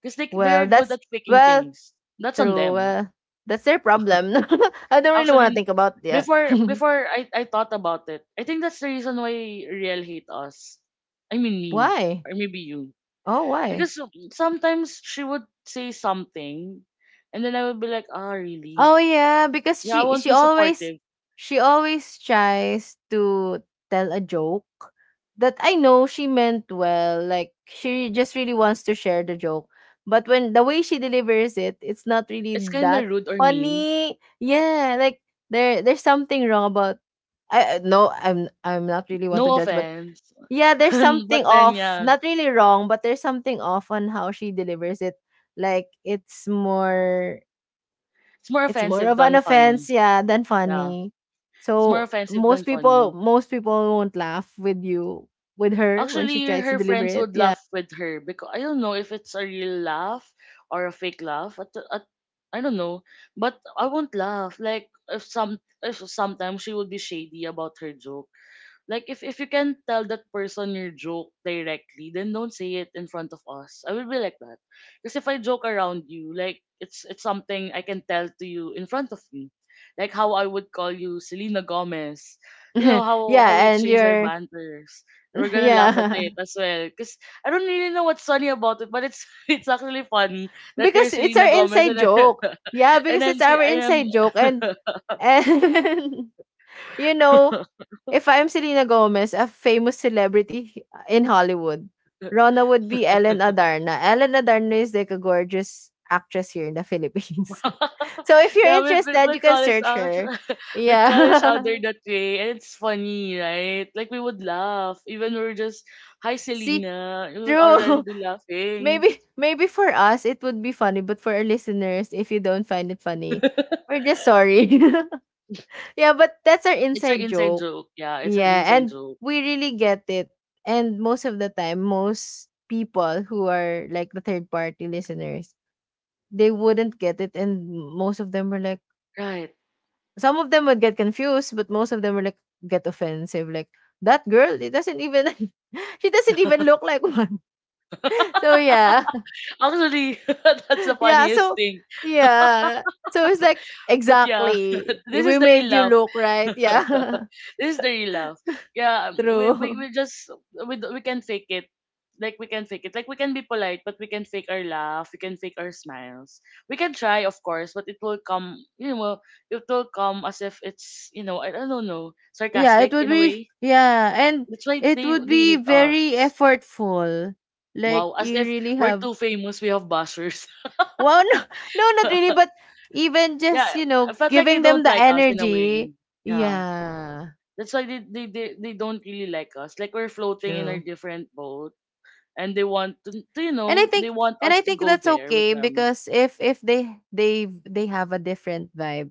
Speaker 1: because
Speaker 2: well,
Speaker 1: they're good
Speaker 2: that's
Speaker 1: at faking
Speaker 2: well,
Speaker 1: things. That's on
Speaker 2: true.
Speaker 1: them.
Speaker 2: Well, that's their problem. I don't really want to
Speaker 1: Actually,
Speaker 2: think about yeah.
Speaker 1: before I thought about it, I think that's the reason why Riel hate us. I mean me.
Speaker 2: Why?
Speaker 1: Or maybe you.
Speaker 2: Oh, why?
Speaker 1: Because sometimes she would say something and then I would be like, ah, really?
Speaker 2: Oh yeah, because
Speaker 1: Yeah, I won't be supportive.
Speaker 2: she always tries to tell a joke that I know she meant well. Like she just really wants to share the joke. But when the way she delivers it, it's not really
Speaker 1: It's
Speaker 2: that
Speaker 1: kinda rude or mean.
Speaker 2: funny. Yeah, like there's something wrong about no, I'm not really want to
Speaker 1: No
Speaker 2: judge, but
Speaker 1: offense.
Speaker 2: yeah, there's
Speaker 1: But
Speaker 2: something
Speaker 1: then
Speaker 2: off.
Speaker 1: yeah.
Speaker 2: Not really wrong, but there's something off on how she delivers it. Like
Speaker 1: It's more
Speaker 2: it's more
Speaker 1: offensive
Speaker 2: of an
Speaker 1: than funny.
Speaker 2: offense, yeah, than
Speaker 1: Yeah.
Speaker 2: funny.
Speaker 1: It's more
Speaker 2: So
Speaker 1: offensive than funny.
Speaker 2: most people won't laugh with her when she
Speaker 1: Actually,
Speaker 2: tries to
Speaker 1: her
Speaker 2: deliver
Speaker 1: friends
Speaker 2: it.
Speaker 1: would
Speaker 2: Yeah.
Speaker 1: laugh with her because I don't know if it's a real laugh or a fake laugh. At I don't know, but I won't laugh. Like if some if sometimes she would be shady about her joke. Like if you can tell that person your joke directly, then don't say it in front of us. I will be like that. Because if I joke around you, like it's something I can tell to you in front of you. Like how I would call you Selena Gomez. You know how we
Speaker 2: yeah, and
Speaker 1: exchange our
Speaker 2: you're
Speaker 1: banters. And we're gonna laugh at
Speaker 2: yeah.
Speaker 1: it as well. Cause I don't really know what's funny about it, but it's it's actually funny that you're
Speaker 2: Because it's
Speaker 1: Selena
Speaker 2: our
Speaker 1: Gomez
Speaker 2: inside
Speaker 1: and I,
Speaker 2: joke. Yeah,
Speaker 1: and
Speaker 2: because it's our
Speaker 1: I am
Speaker 2: inside joke and and you know, if I'm Selena Gomez, a famous celebrity in Hollywood, Rona would be Ellen Adarna. Ellen Adarna is like a gorgeous actress here in the Philippines. So if you're
Speaker 1: yeah,
Speaker 2: interested, you
Speaker 1: with
Speaker 2: can
Speaker 1: college
Speaker 2: search
Speaker 1: out,
Speaker 2: her.
Speaker 1: with college out there
Speaker 2: Yeah.
Speaker 1: that way, and it's funny, right? Like we would laugh, even we're just, "Hi,
Speaker 2: See,
Speaker 1: Selena," we would
Speaker 2: true.
Speaker 1: already be laughing.
Speaker 2: Maybe for us it would be funny, but for our listeners, if you don't find it funny, we're just sorry. yeah, but that's our
Speaker 1: It's an
Speaker 2: inside
Speaker 1: inside
Speaker 2: joke.
Speaker 1: joke. Yeah, it's an
Speaker 2: Yeah,
Speaker 1: inside
Speaker 2: and
Speaker 1: joke,
Speaker 2: we really get it. And most of the time, most people who are like the third party listeners, they wouldn't get it and most of them were like,
Speaker 1: right?
Speaker 2: some of them would get confused, but most of them were like get offensive, like that girl, it doesn't even she doesn't even look like one. So yeah.
Speaker 1: Actually, that's the
Speaker 2: Yeah,
Speaker 1: funniest
Speaker 2: so
Speaker 1: thing.
Speaker 2: yeah. So it's like
Speaker 1: But yeah,
Speaker 2: exactly.
Speaker 1: this is
Speaker 2: We
Speaker 1: the real
Speaker 2: made you
Speaker 1: laugh.
Speaker 2: look right. Yeah.
Speaker 1: This is the real love. Yeah,
Speaker 2: True.
Speaker 1: we just we can fake it. Like we can fake it. Like we can be polite, but we can fake our laugh. We can fake our smiles. We can try, of course, but it will come. You know, well, it will come as if it's you know I don't know,
Speaker 2: Yeah, it
Speaker 1: sarcastic
Speaker 2: would
Speaker 1: in a
Speaker 2: be
Speaker 1: way.
Speaker 2: yeah, and
Speaker 1: That's why
Speaker 2: it would
Speaker 1: they
Speaker 2: be
Speaker 1: hate
Speaker 2: very
Speaker 1: us.
Speaker 2: effortful. Like
Speaker 1: Wow, as
Speaker 2: you
Speaker 1: if
Speaker 2: really
Speaker 1: we're
Speaker 2: have
Speaker 1: too famous. We have bashers.
Speaker 2: well no, no not really, but even
Speaker 1: Yeah,
Speaker 2: just, you
Speaker 1: I
Speaker 2: know,
Speaker 1: felt like they
Speaker 2: giving them
Speaker 1: don't
Speaker 2: the
Speaker 1: like us in a way.
Speaker 2: energy.
Speaker 1: Yeah.
Speaker 2: Yeah.
Speaker 1: That's why they don't really like us. Like we're floating in a
Speaker 2: True.
Speaker 1: different boat and they want to you
Speaker 2: And I
Speaker 1: know, they
Speaker 2: think
Speaker 1: want
Speaker 2: and
Speaker 1: us
Speaker 2: I
Speaker 1: to
Speaker 2: think
Speaker 1: go
Speaker 2: that's
Speaker 1: there with
Speaker 2: okay
Speaker 1: them.
Speaker 2: because if they have a different vibe,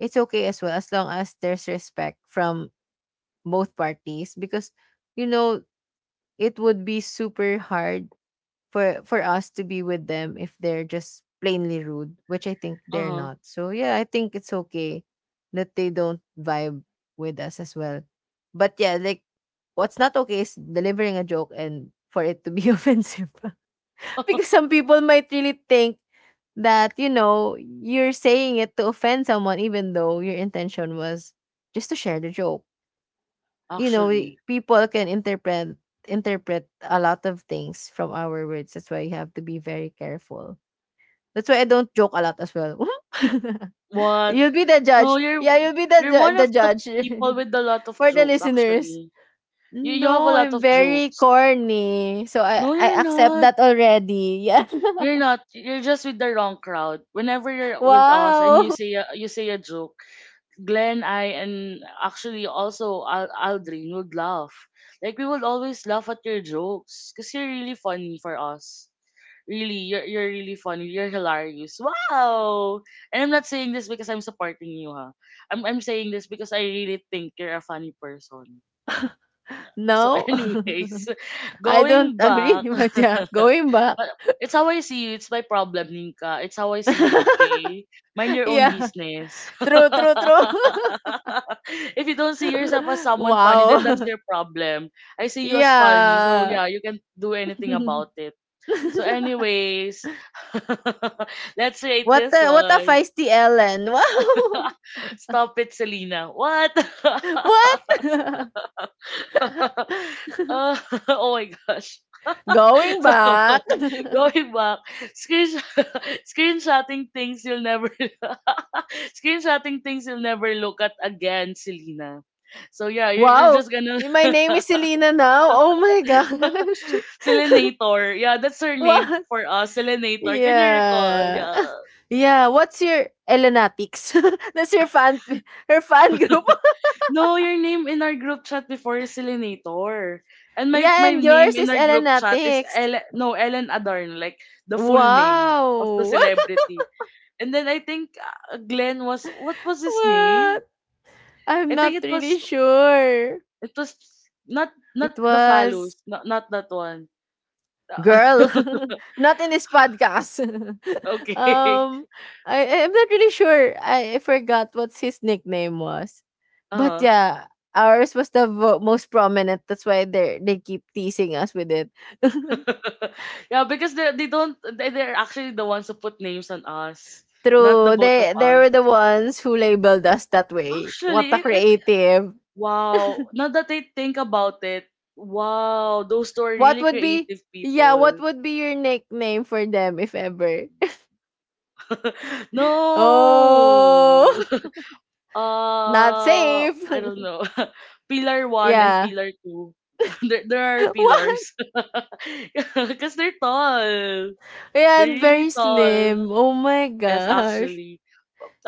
Speaker 2: it's okay as well as long as there's respect from both parties because you know it would be super hard for us to be with them if they're just plainly rude, which I think they're
Speaker 1: Uh-huh.
Speaker 2: not. So yeah, I think it's okay that they don't vibe with us as well. But yeah, like what's not okay is delivering a joke and for it to be offensive. Because some people might really think that you know you're saying it to offend someone even though your intention was just to share the joke, you know,
Speaker 1: Actually.
Speaker 2: people can interpret a lot of things from our words. That's why you have to be very careful. That's why I don't joke a lot as well.
Speaker 1: What?
Speaker 2: You'll be the
Speaker 1: No,
Speaker 2: judge,
Speaker 1: you're
Speaker 2: yeah, you'll be
Speaker 1: we are one
Speaker 2: the
Speaker 1: of the
Speaker 2: judge.
Speaker 1: people with a lot of
Speaker 2: For the
Speaker 1: jokes,
Speaker 2: listeners,
Speaker 1: actually. You have a
Speaker 2: no,
Speaker 1: lot
Speaker 2: I'm
Speaker 1: of
Speaker 2: very
Speaker 1: jokes.
Speaker 2: corny so i
Speaker 1: No,
Speaker 2: i
Speaker 1: you're
Speaker 2: accept
Speaker 1: not.
Speaker 2: that already yeah.
Speaker 1: You're not. You're just with the wrong crowd. Whenever you're with us and you
Speaker 2: Wow!
Speaker 1: you say a joke, Glenn, I, and actually also Aldrin would laugh. Like we would always laugh at your jokes because you're really funny for us. Really, you're really funny. You're hilarious. Wow! And I'm not saying this because I'm supporting you, ha. I'm saying this because I really think you're a funny person. So,
Speaker 2: No,
Speaker 1: anyways,
Speaker 2: I don't
Speaker 1: going
Speaker 2: agree,
Speaker 1: back,
Speaker 2: but yeah, going back.
Speaker 1: but it's how I see you. It's my problem, Ninka. It's how I see you, okay? Mind your own
Speaker 2: Yeah,
Speaker 1: business.
Speaker 2: true, true, true.
Speaker 1: If you don't see yourself as someone funny, then that's
Speaker 2: Wow.
Speaker 1: your problem. I see you as funny. So,
Speaker 2: Yeah.
Speaker 1: yeah, you can do anything about it. So, anyways, let's rate this
Speaker 2: What a
Speaker 1: one.
Speaker 2: feisty Ellen. Wow.
Speaker 1: Stop it, Selena. What?
Speaker 2: What?
Speaker 1: Uh, oh my gosh.
Speaker 2: Going
Speaker 1: So
Speaker 2: back.
Speaker 1: going back, screensh- screenshotting things you'll never screenshotting things you'll never look at again, Selena. So yeah, you're
Speaker 2: Wow.
Speaker 1: just gonna
Speaker 2: My name is Selena now. Oh my gosh.
Speaker 1: Selenator. Yeah, that's her name
Speaker 2: Wow.
Speaker 1: for us, Selenator. Can you recall?
Speaker 2: Yeah.
Speaker 1: Yeah.
Speaker 2: Yeah, what's your Elenatics? That's your fan her fan group.
Speaker 1: No, your name in our group chat before is Selenator. And
Speaker 2: Yeah,
Speaker 1: my
Speaker 2: and
Speaker 1: name
Speaker 2: yours
Speaker 1: in
Speaker 2: is
Speaker 1: our group chat is
Speaker 2: Elenatics.
Speaker 1: Ellen, no, Ellen Adarn, like the full name of the
Speaker 2: Wow.
Speaker 1: celebrity. And then I think Glenn was what was his name?
Speaker 2: What? I'm
Speaker 1: I think
Speaker 2: not
Speaker 1: it
Speaker 2: really
Speaker 1: was
Speaker 2: sure.
Speaker 1: it was not
Speaker 2: It
Speaker 1: the
Speaker 2: was
Speaker 1: phallus, not that one.
Speaker 2: girl. Not in this podcast.
Speaker 1: Okay.
Speaker 2: um I I'm not really sure. I, forgot what his nickname was.
Speaker 1: Uh
Speaker 2: But
Speaker 1: huh.
Speaker 2: yeah, ours was the most prominent. That's why they keep teasing us with it.
Speaker 1: Yeah, because they don't they, they're actually the ones who put names on us, not the
Speaker 2: True.
Speaker 1: both of
Speaker 2: They
Speaker 1: us.
Speaker 2: were the ones who labeled us that way. What
Speaker 1: Actually,
Speaker 2: a
Speaker 1: it
Speaker 2: creative.
Speaker 1: wow. Now that I think about it, wow, those two are
Speaker 2: What
Speaker 1: really
Speaker 2: would be
Speaker 1: creative
Speaker 2: yeah, what
Speaker 1: people.
Speaker 2: would be your nickname for them if ever?
Speaker 1: No.
Speaker 2: Oh not
Speaker 1: Uh,
Speaker 2: safe.
Speaker 1: I don't know. Pillar one and
Speaker 2: yeah.
Speaker 1: Pillar two. There are
Speaker 2: What?
Speaker 1: pillars. Because they're tall.
Speaker 2: Yeah,
Speaker 1: They're
Speaker 2: and
Speaker 1: really
Speaker 2: very
Speaker 1: tall.
Speaker 2: slim. Oh my
Speaker 1: Yes,
Speaker 2: gosh.
Speaker 1: actually.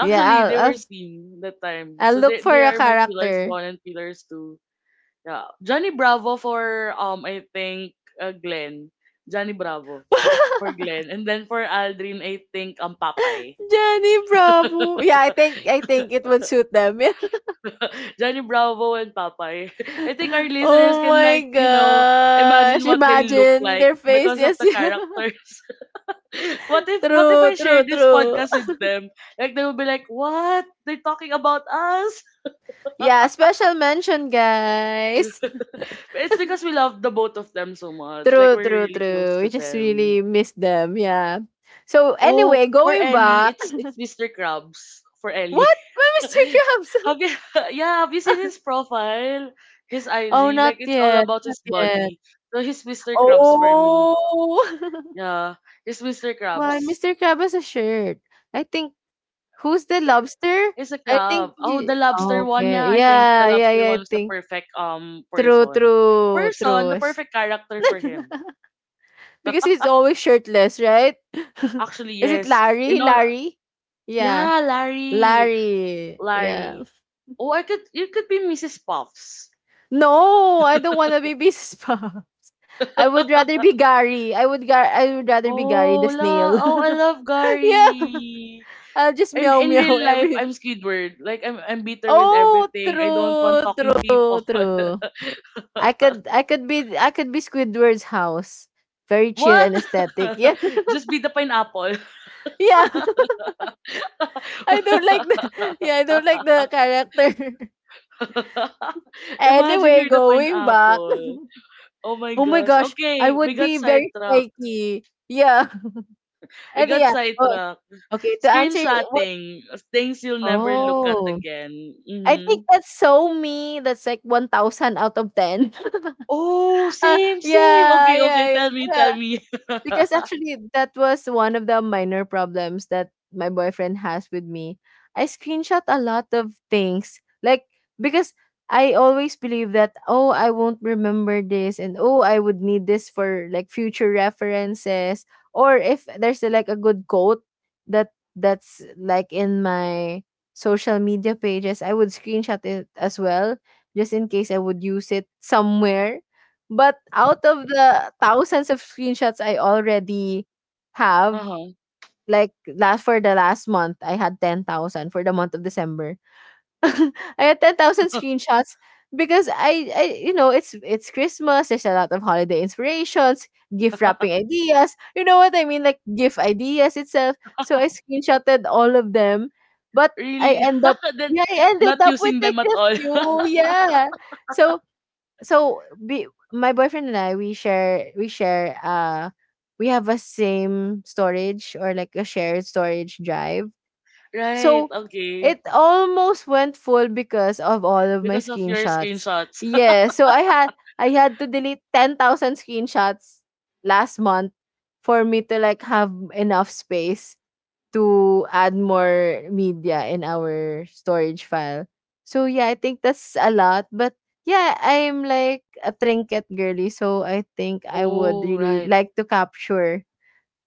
Speaker 2: Yeah,
Speaker 1: they were seen that time.
Speaker 2: I'll
Speaker 1: So
Speaker 2: look
Speaker 1: they
Speaker 2: for a
Speaker 1: are my Pillars
Speaker 2: character.
Speaker 1: one and Pillars two. Yeah. Johnny Bravo for, I think, Glenn. Johnny Bravo for Glenn. And then for Aldrin, I think, Papay.
Speaker 2: Johnny Bravo. Yeah, I think it would suit them.
Speaker 1: Johnny Bravo and Popeye. I think our
Speaker 2: Yeah.
Speaker 1: listeners
Speaker 2: Oh
Speaker 1: can,
Speaker 2: my
Speaker 1: like, you know,
Speaker 2: gosh.
Speaker 1: imagine what they look
Speaker 2: Imagine
Speaker 1: like
Speaker 2: their
Speaker 1: because of
Speaker 2: faces.
Speaker 1: the characters. What if
Speaker 2: True,
Speaker 1: I share
Speaker 2: true,
Speaker 1: this
Speaker 2: true.
Speaker 1: podcast with them? Like they will be like, What? They're talking about us?
Speaker 2: Yeah, special mention, guys.
Speaker 1: It's because we love the both of them so much. Like
Speaker 2: True,
Speaker 1: we're
Speaker 2: true,
Speaker 1: really close
Speaker 2: true.
Speaker 1: to
Speaker 2: We just
Speaker 1: them.
Speaker 2: really miss them. Yeah. So
Speaker 1: Oh,
Speaker 2: anyway,
Speaker 1: for
Speaker 2: going
Speaker 1: Ellie,
Speaker 2: back,
Speaker 1: it's it's Mr. Krabs for Ellie.
Speaker 2: what? Why Mr. Krabs?
Speaker 1: have you, yeah, have you seen his profile? His
Speaker 2: Oh,
Speaker 1: IG, like
Speaker 2: not
Speaker 1: it's all
Speaker 2: yet,
Speaker 1: about
Speaker 2: not
Speaker 1: his
Speaker 2: yet.
Speaker 1: body. So he's Mr. Krabs for me.
Speaker 2: Oh,
Speaker 1: Yeah. He's Mr.
Speaker 2: why
Speaker 1: Krabs.
Speaker 2: Mr. Krabs has a shirt? I think, who's the lobster?
Speaker 1: He's a
Speaker 2: I think.
Speaker 1: crab. Oh, the
Speaker 2: Oh,
Speaker 1: lobster one,
Speaker 2: okay.
Speaker 1: yeah, I think the
Speaker 2: Yeah, yeah,
Speaker 1: lobster
Speaker 2: yeah. I
Speaker 1: one was the
Speaker 2: think.
Speaker 1: perfect
Speaker 2: True,
Speaker 1: person.
Speaker 2: true,
Speaker 1: Person, the
Speaker 2: true.
Speaker 1: perfect character for him.
Speaker 2: Because he's always shirtless, right?
Speaker 1: Actually,
Speaker 2: Is it
Speaker 1: yes.
Speaker 2: Larry?
Speaker 1: In all,
Speaker 2: Larry? Yeah.
Speaker 1: yeah, Larry.
Speaker 2: Larry. Yeah.
Speaker 1: Larry. Oh, I could you could be Mrs. Puffs.
Speaker 2: No, I don't want to be Mrs. Pops. I would rather be Gary. I would rather be Gary the
Speaker 1: Oh,
Speaker 2: snail.
Speaker 1: la. Oh, I love
Speaker 2: yeah.
Speaker 1: Gary.
Speaker 2: I'll just
Speaker 1: In
Speaker 2: meow
Speaker 1: in
Speaker 2: meow
Speaker 1: real life,
Speaker 2: every.
Speaker 1: I'm Squidward. Like I'm bitter with
Speaker 2: Oh,
Speaker 1: everything. I don't
Speaker 2: true,
Speaker 1: want talking people.
Speaker 2: true, true. I could be Squidward's house. Very chill
Speaker 1: What?
Speaker 2: and aesthetic. Yeah.
Speaker 1: Just be the pineapple.
Speaker 2: yeah. I don't like the yeah, I don't like the character.
Speaker 1: Imagine
Speaker 2: Anyway,
Speaker 1: you're the
Speaker 2: going back.
Speaker 1: pineapple. Oh my
Speaker 2: Oh my
Speaker 1: gosh.
Speaker 2: gosh, I
Speaker 1: Okay, we
Speaker 2: would
Speaker 1: got
Speaker 2: be very
Speaker 1: sidetracked.
Speaker 2: flaky. Yeah.
Speaker 1: We
Speaker 2: And
Speaker 1: got
Speaker 2: yeah. Oh,
Speaker 1: sidetracked.
Speaker 2: okay. To answer what?
Speaker 1: Screenshotting. Things you'll never look at
Speaker 2: Oh,
Speaker 1: again.
Speaker 2: I
Speaker 1: Mm-hmm.
Speaker 2: think that's so me. That's like 1,000 out of ten.
Speaker 1: Oh, same, same.
Speaker 2: Yeah,
Speaker 1: Okay, okay.
Speaker 2: yeah,
Speaker 1: Tell me,
Speaker 2: yeah.
Speaker 1: tell me.
Speaker 2: Because actually, that was one of the minor problems that my boyfriend has with me. I screenshot a lot of things. Like, because I always believe that, oh, I won't remember this, and oh, I would need this for like future references. Or if there's a, like a good quote that's like in my social media pages, I would screenshot it as well, just in case I would use it somewhere, but out of the thousands of screenshots I already have,
Speaker 1: uh-huh.
Speaker 2: like last for the last month, I had 10,000 for the month of December. I had 10,000 screenshots because I you know, it's Christmas, there's a lot of holiday inspirations, gift wrapping ideas. You know what I mean? Like gift ideas itself. So I screenshotted all of them, but I
Speaker 1: Really?
Speaker 2: end up
Speaker 1: then
Speaker 2: yeah, I ended
Speaker 1: not
Speaker 2: up with
Speaker 1: using
Speaker 2: like
Speaker 1: them at
Speaker 2: a
Speaker 1: all.
Speaker 2: few. Yeah. So so we, my boyfriend and I, we have a same storage or like a shared storage drive.
Speaker 1: right.
Speaker 2: So
Speaker 1: Okay.
Speaker 2: it almost went full because of all of my
Speaker 1: Because of your
Speaker 2: screenshots.
Speaker 1: screenshots.
Speaker 2: Yeah, so I had to delete 10,000 screenshots last month for me to like have enough space to add more media in our storage file. So yeah, I think that's a lot. But yeah, I'm like a trinket girly, so I think I would
Speaker 1: oh,
Speaker 2: really
Speaker 1: right.
Speaker 2: like to capture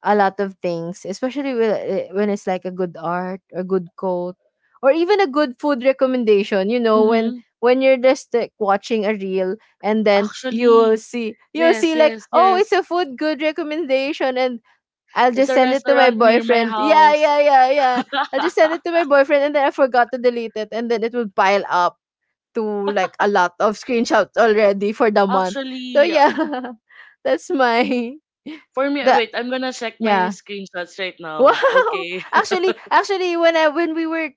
Speaker 2: a lot of things, especially with, when it's like a good art, a good quote, or even a good food recommendation. You know, when
Speaker 1: Mm-hmm.
Speaker 2: when you're just like watching a reel and then you'll
Speaker 1: Actually,
Speaker 2: see you'll
Speaker 1: yes,
Speaker 2: see like,
Speaker 1: yes,
Speaker 2: oh, it's
Speaker 1: yes.
Speaker 2: a food good recommendation, and I'll
Speaker 1: It's
Speaker 2: just
Speaker 1: a
Speaker 2: send it to my
Speaker 1: restaurant near my
Speaker 2: boyfriend. Yeah,
Speaker 1: house.
Speaker 2: yeah, yeah, yeah. I'll just send it to my boyfriend and then I forgot to delete it and then it would pile up to like a lot of screenshots already for the month. So
Speaker 1: Actually,
Speaker 2: yeah. That's my
Speaker 1: for me,
Speaker 2: the
Speaker 1: wait, I'm gonna check my
Speaker 2: yeah.
Speaker 1: screenshots right
Speaker 2: Wow!
Speaker 1: now. Okay.
Speaker 2: Actually, when we were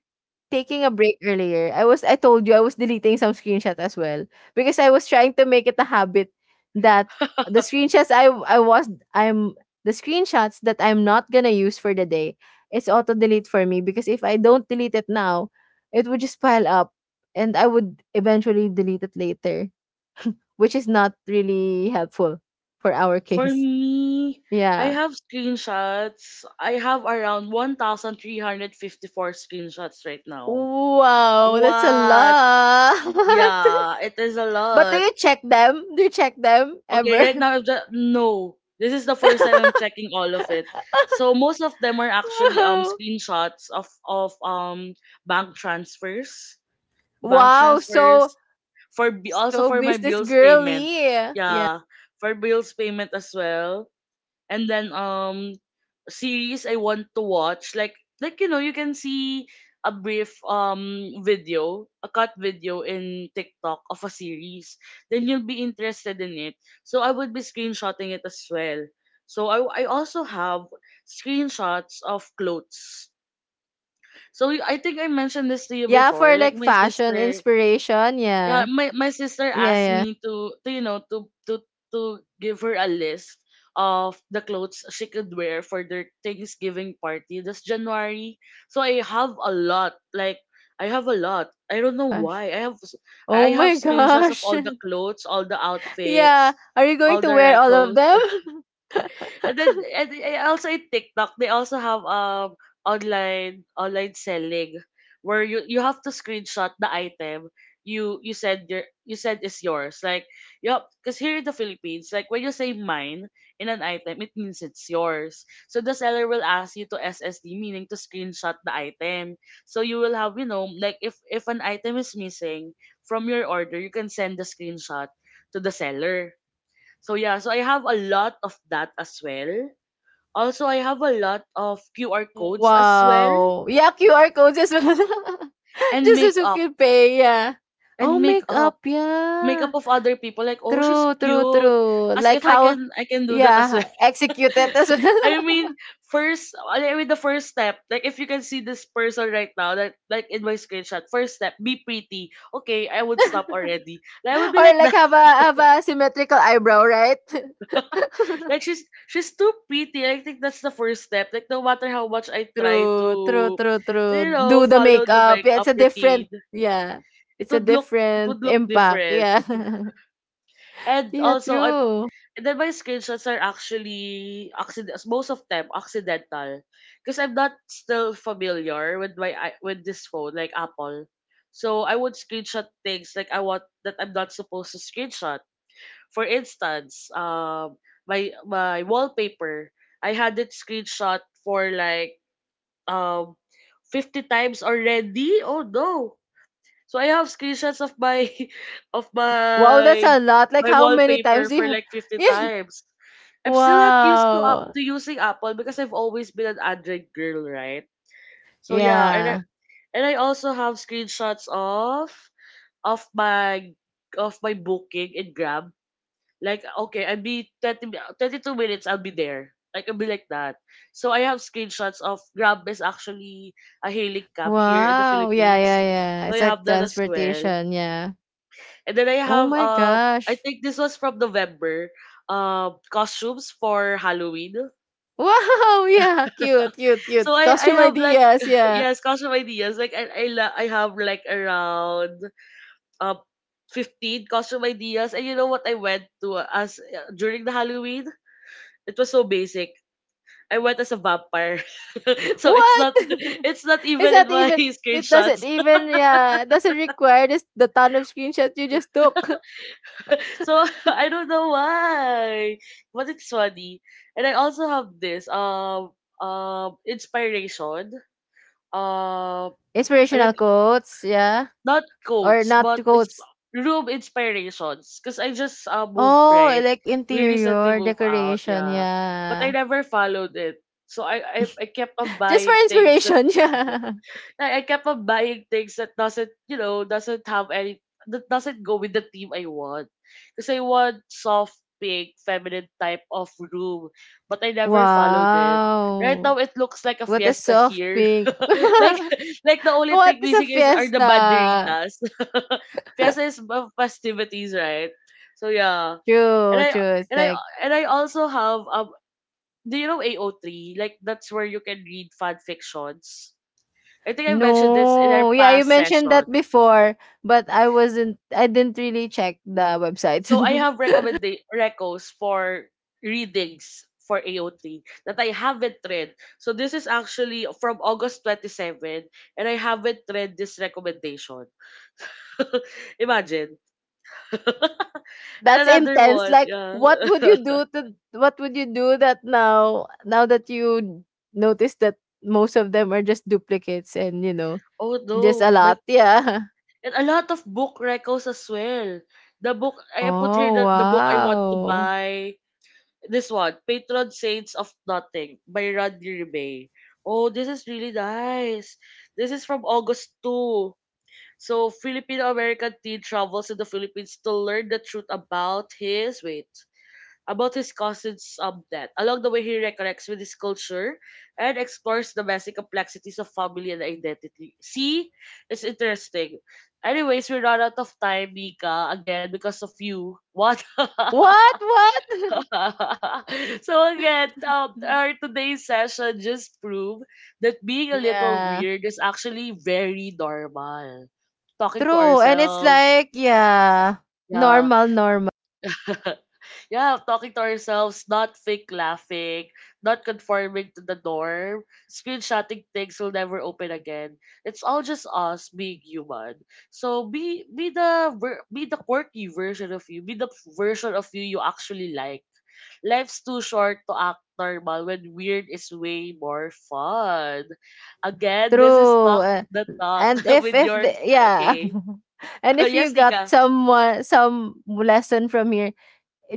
Speaker 2: taking a break earlier, I told you I was deleting some screenshot as well because I was trying to make it a habit that the screenshots I I was I'm the screenshots that I'm not gonna use for the day, it's auto delete for me because if I don't delete it now, it would just pile up and I would eventually delete it later, which is not really helpful for our
Speaker 1: For
Speaker 2: case.
Speaker 1: me, I
Speaker 2: Yeah.
Speaker 1: have screenshots. I have around 1,354 screenshots right now.
Speaker 2: Wow, that's a
Speaker 1: What?
Speaker 2: lot.
Speaker 1: Yeah, it is a
Speaker 2: But do
Speaker 1: lot.
Speaker 2: you check them? Do you check them
Speaker 1: Okay,
Speaker 2: ever?
Speaker 1: right now, I'm just, no. This is the first time I'm checking all of it. So most of them are actually
Speaker 2: Wow.
Speaker 1: screenshots of bank
Speaker 2: Wow, so
Speaker 1: transfers for bi- also
Speaker 2: so
Speaker 1: for my
Speaker 2: business
Speaker 1: bills payment.
Speaker 2: girly. Yeah.
Speaker 1: Yeah, for bills payment as well. And then series I want to watch, like you know, you can see a brief video, a cut video in TikTok of a series, then you'll be interested in it. So I would be screenshotting it as well. So I also have screenshots of clothes. So y- I think I mentioned this to you
Speaker 2: Yeah,
Speaker 1: before.
Speaker 2: for
Speaker 1: Like
Speaker 2: like
Speaker 1: my
Speaker 2: fashion
Speaker 1: sister,
Speaker 2: inspiration.
Speaker 1: yeah,
Speaker 2: Yeah.
Speaker 1: my sister
Speaker 2: Yeah,
Speaker 1: asked
Speaker 2: yeah.
Speaker 1: me to you know to to give her a list of the clothes she could wear for their Thanksgiving party this January. So I have a lot. Like I have a lot. I don't know
Speaker 2: Gosh.
Speaker 1: why. I have s-
Speaker 2: Oh
Speaker 1: I
Speaker 2: my
Speaker 1: have screenshots of
Speaker 2: gosh.
Speaker 1: all the clothes, all the
Speaker 2: Yeah.
Speaker 1: outfits,
Speaker 2: Are you going
Speaker 1: all
Speaker 2: to
Speaker 1: the
Speaker 2: wear all of
Speaker 1: recos.
Speaker 2: them?
Speaker 1: And then and I- also in TikTok they also have online selling where you have to screenshot the item you said is yours, like yup, because here in the Philippines, like when you say mine in an item, it means it's yours. So the seller will ask you to SSD, meaning to screenshot the item. So you will have, you know, like if an item is missing from your order, you can send the screenshot to the seller. So yeah, so I have a lot of that as well. Also, I have a lot of QR codes as well,
Speaker 2: Wow. Yeah, QR codes as well.
Speaker 1: and
Speaker 2: Just so you
Speaker 1: makeup,
Speaker 2: could pay, yeah. Oh,
Speaker 1: and makeup,
Speaker 2: makeup, yeah.
Speaker 1: makeup of other people like, oh, she's
Speaker 2: True, true,
Speaker 1: cute,
Speaker 2: true.
Speaker 1: as
Speaker 2: Like,
Speaker 1: if I
Speaker 2: how,
Speaker 1: can, I can do that as
Speaker 2: yeah,
Speaker 1: well.
Speaker 2: execute it as
Speaker 1: I
Speaker 2: well.
Speaker 1: mean, first, I mean the first step. Like if you can see this person right now, that like in my screenshot, first step, be pretty. Okay, I would stop already. Like, I would be
Speaker 2: Or
Speaker 1: like
Speaker 2: like
Speaker 1: that.
Speaker 2: have a symmetrical eyebrow, right?
Speaker 1: like she's too pretty. I think that's the first step. Like no matter how much I try
Speaker 2: True, true, true,
Speaker 1: to
Speaker 2: true.
Speaker 1: you
Speaker 2: Do
Speaker 1: know,
Speaker 2: the
Speaker 1: follow the
Speaker 2: makeup. Yeah, it's a
Speaker 1: makeup
Speaker 2: different,
Speaker 1: routine,
Speaker 2: yeah,
Speaker 1: it
Speaker 2: it's a
Speaker 1: would look, it would
Speaker 2: different
Speaker 1: look
Speaker 2: impact.
Speaker 1: different.
Speaker 2: Yeah,
Speaker 1: And
Speaker 2: yeah,
Speaker 1: also I,
Speaker 2: true.
Speaker 1: and then my screenshots are actually accident, most of them accidental. Because I'm not still familiar with my I- with this phone, like Apple. So I would screenshot things like I want that I'm not supposed to screenshot. For instance, my wallpaper, I had it screenshot for like um 50 times already. Oh no. So I have screenshots of my of
Speaker 2: Wow, that's
Speaker 1: my
Speaker 2: a lot. Like
Speaker 1: my
Speaker 2: how many
Speaker 1: wallpaper
Speaker 2: times do
Speaker 1: for
Speaker 2: you?
Speaker 1: like 50
Speaker 2: Yeah.
Speaker 1: times. I'm still not used to up
Speaker 2: Wow.
Speaker 1: to using Apple because I've always been an Android girl, right? So yeah, and I,
Speaker 2: Yeah.
Speaker 1: and I also have screenshots of my of my booking in Grab. Like okay, I'll be 30, mi- 32 minutes, I'll be there. Like I'll be like that. So I have screenshots of Grab. Is actually a hailing cab here in the
Speaker 2: Wow. Yeah, yeah,
Speaker 1: Philippines.
Speaker 2: yeah.
Speaker 1: So
Speaker 2: It's
Speaker 1: I
Speaker 2: like
Speaker 1: have that as well.
Speaker 2: transportation. Yeah.
Speaker 1: And then I
Speaker 2: Oh
Speaker 1: have
Speaker 2: my
Speaker 1: I
Speaker 2: gosh.
Speaker 1: think this was from November, costumes for Halloween.
Speaker 2: Wow! Yeah, cute, cute,
Speaker 1: So
Speaker 2: cute.
Speaker 1: I
Speaker 2: Costume
Speaker 1: have like,
Speaker 2: ideas, yeah.
Speaker 1: yes, costume ideas like I, la- I have like around uh, 15 costume ideas, and you know what I went to as during the Halloween, it was so basic. I went as a vampire. so it's
Speaker 2: What?
Speaker 1: not, it's not
Speaker 2: Is
Speaker 1: even in
Speaker 2: that
Speaker 1: my
Speaker 2: even, it doesn't
Speaker 1: screenshots.
Speaker 2: even yeah, it doesn't require this the ton of screenshots you just took.
Speaker 1: So I don't know why, but it's funny. And I also have this inspiration. Um,
Speaker 2: Inspirational
Speaker 1: like
Speaker 2: quotes, yeah.
Speaker 1: not
Speaker 2: Or
Speaker 1: quotes,
Speaker 2: not
Speaker 1: but it's
Speaker 2: quotes.
Speaker 1: room inspirations. Cause I just moved,
Speaker 2: Oh,
Speaker 1: right.
Speaker 2: like
Speaker 1: We recently
Speaker 2: interior
Speaker 1: moved out,
Speaker 2: decoration,
Speaker 1: yeah. But I
Speaker 2: yeah.
Speaker 1: never followed it, so I kept on
Speaker 2: Just for
Speaker 1: buying things that,
Speaker 2: inspiration, yeah.
Speaker 1: like I kept on buying things that doesn't, you know, doesn't have any, that doesn't go with the theme I want. Because I want soft pink, feminine type of room, but I never followed it. Right now
Speaker 2: Wow.
Speaker 1: it looks like a
Speaker 2: What a
Speaker 1: fiesta
Speaker 2: soft
Speaker 1: here.
Speaker 2: pink.
Speaker 1: like like the only
Speaker 2: What
Speaker 1: thing
Speaker 2: is a
Speaker 1: missing is are the
Speaker 2: fiesta?
Speaker 1: banderitas. fiesta is ma- festivities, right? So yeah. And
Speaker 2: True,
Speaker 1: I,
Speaker 2: true. It's
Speaker 1: and I,
Speaker 2: like
Speaker 1: and I also have do you know AO3? Like that's where you can read fan fictions. I think I mentioned this in our
Speaker 2: no. Yeah, you
Speaker 1: past
Speaker 2: mentioned that
Speaker 1: session.
Speaker 2: before, but I didn't really check the website.
Speaker 1: So I have recommend recos for readings for AOT that I haven't read. So this is actually from August 27, and I haven't read this recommendation. Imagine. and
Speaker 2: That's
Speaker 1: another
Speaker 2: intense.
Speaker 1: one.
Speaker 2: Like,
Speaker 1: Yeah.
Speaker 2: what would you do that now, now that you notice that most of them are just duplicates and, you know,
Speaker 1: oh
Speaker 2: just a
Speaker 1: no. My,
Speaker 2: lot. Yeah.
Speaker 1: and a lot of book recos as well. The book I put here,
Speaker 2: Oh
Speaker 1: the book I want to
Speaker 2: wow.
Speaker 1: buy, this one, Patron Saints of Nothing by Rodney Bay. Oh, this is really nice. This is from August 2. So, Filipino American teen travels to the Philippines to learn the truth about his, wait, about his cousin's death. Along the way, he reconnects with his culture and explores the messy complexities of family and identity. See, it's interesting. Anyways, we run out of time, Mika, again because of you. What?
Speaker 2: What? What?
Speaker 1: so again, our today's session just proved that being a little
Speaker 2: Yeah.
Speaker 1: weird is actually very normal. Talking to
Speaker 2: True. And it's
Speaker 1: ourselves,
Speaker 2: like, yeah,
Speaker 1: yeah.
Speaker 2: normal, normal.
Speaker 1: Yeah, talking to ourselves, not fake laughing, not conforming to the norm, screenshotting things we'll never open again. It's all just us being human. So be the ver- be the quirky version of you. Be the version of you you actually like. Life's too short to act normal when weird is way more fun. Again, this is
Speaker 2: True,
Speaker 1: Talk the Talk
Speaker 2: and
Speaker 1: with
Speaker 2: if the
Speaker 1: yours.
Speaker 2: yeah.
Speaker 1: Okay.
Speaker 2: And if you
Speaker 1: yes,
Speaker 2: got
Speaker 1: Nika.
Speaker 2: someone some lesson from here,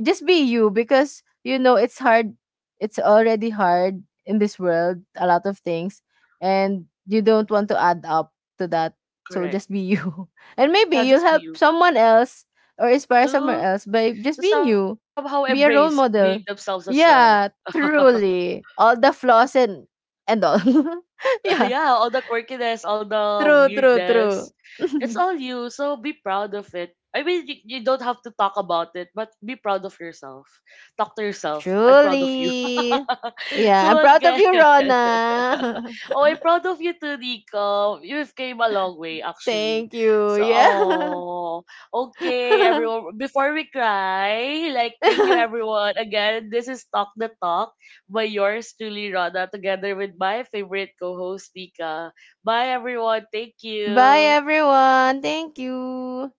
Speaker 2: just be you because you know it's hard. It's already hard in this world, a lot of things, and you don't want to add up to that. So just
Speaker 1: Correct.
Speaker 2: be you. And maybe
Speaker 1: Yeah,
Speaker 2: you'll
Speaker 1: just be
Speaker 2: help
Speaker 1: you.
Speaker 2: someone else or inspire someone else by just
Speaker 1: To
Speaker 2: being
Speaker 1: somehow
Speaker 2: you.
Speaker 1: embrace
Speaker 2: Be a
Speaker 1: being
Speaker 2: role
Speaker 1: themselves
Speaker 2: model.
Speaker 1: as well.
Speaker 2: Yeah, truly. All the flaws and all. Yeah.
Speaker 1: yeah, all the quirkiness, all the
Speaker 2: True, true,
Speaker 1: weirdness,
Speaker 2: true.
Speaker 1: it's all you. So be proud of it. I mean, you don't have to talk about it, but be proud of yourself. Talk to yourself. I'm proud of you.
Speaker 2: Truly. Yeah, I'm
Speaker 1: so
Speaker 2: proud of
Speaker 1: again,
Speaker 2: you, Rona.
Speaker 1: oh, I'm proud of you too, Nico. You've came a long way, actually.
Speaker 2: Thank you.
Speaker 1: So,
Speaker 2: Yeah.
Speaker 1: oh, okay, everyone. Before we cry, like, thank you, everyone. Again, this is Talk the Talk by yours truly, Rana, together with my favorite co-host, Nika. Bye, everyone. Thank
Speaker 2: Bye,
Speaker 1: you.
Speaker 2: everyone. Thank you.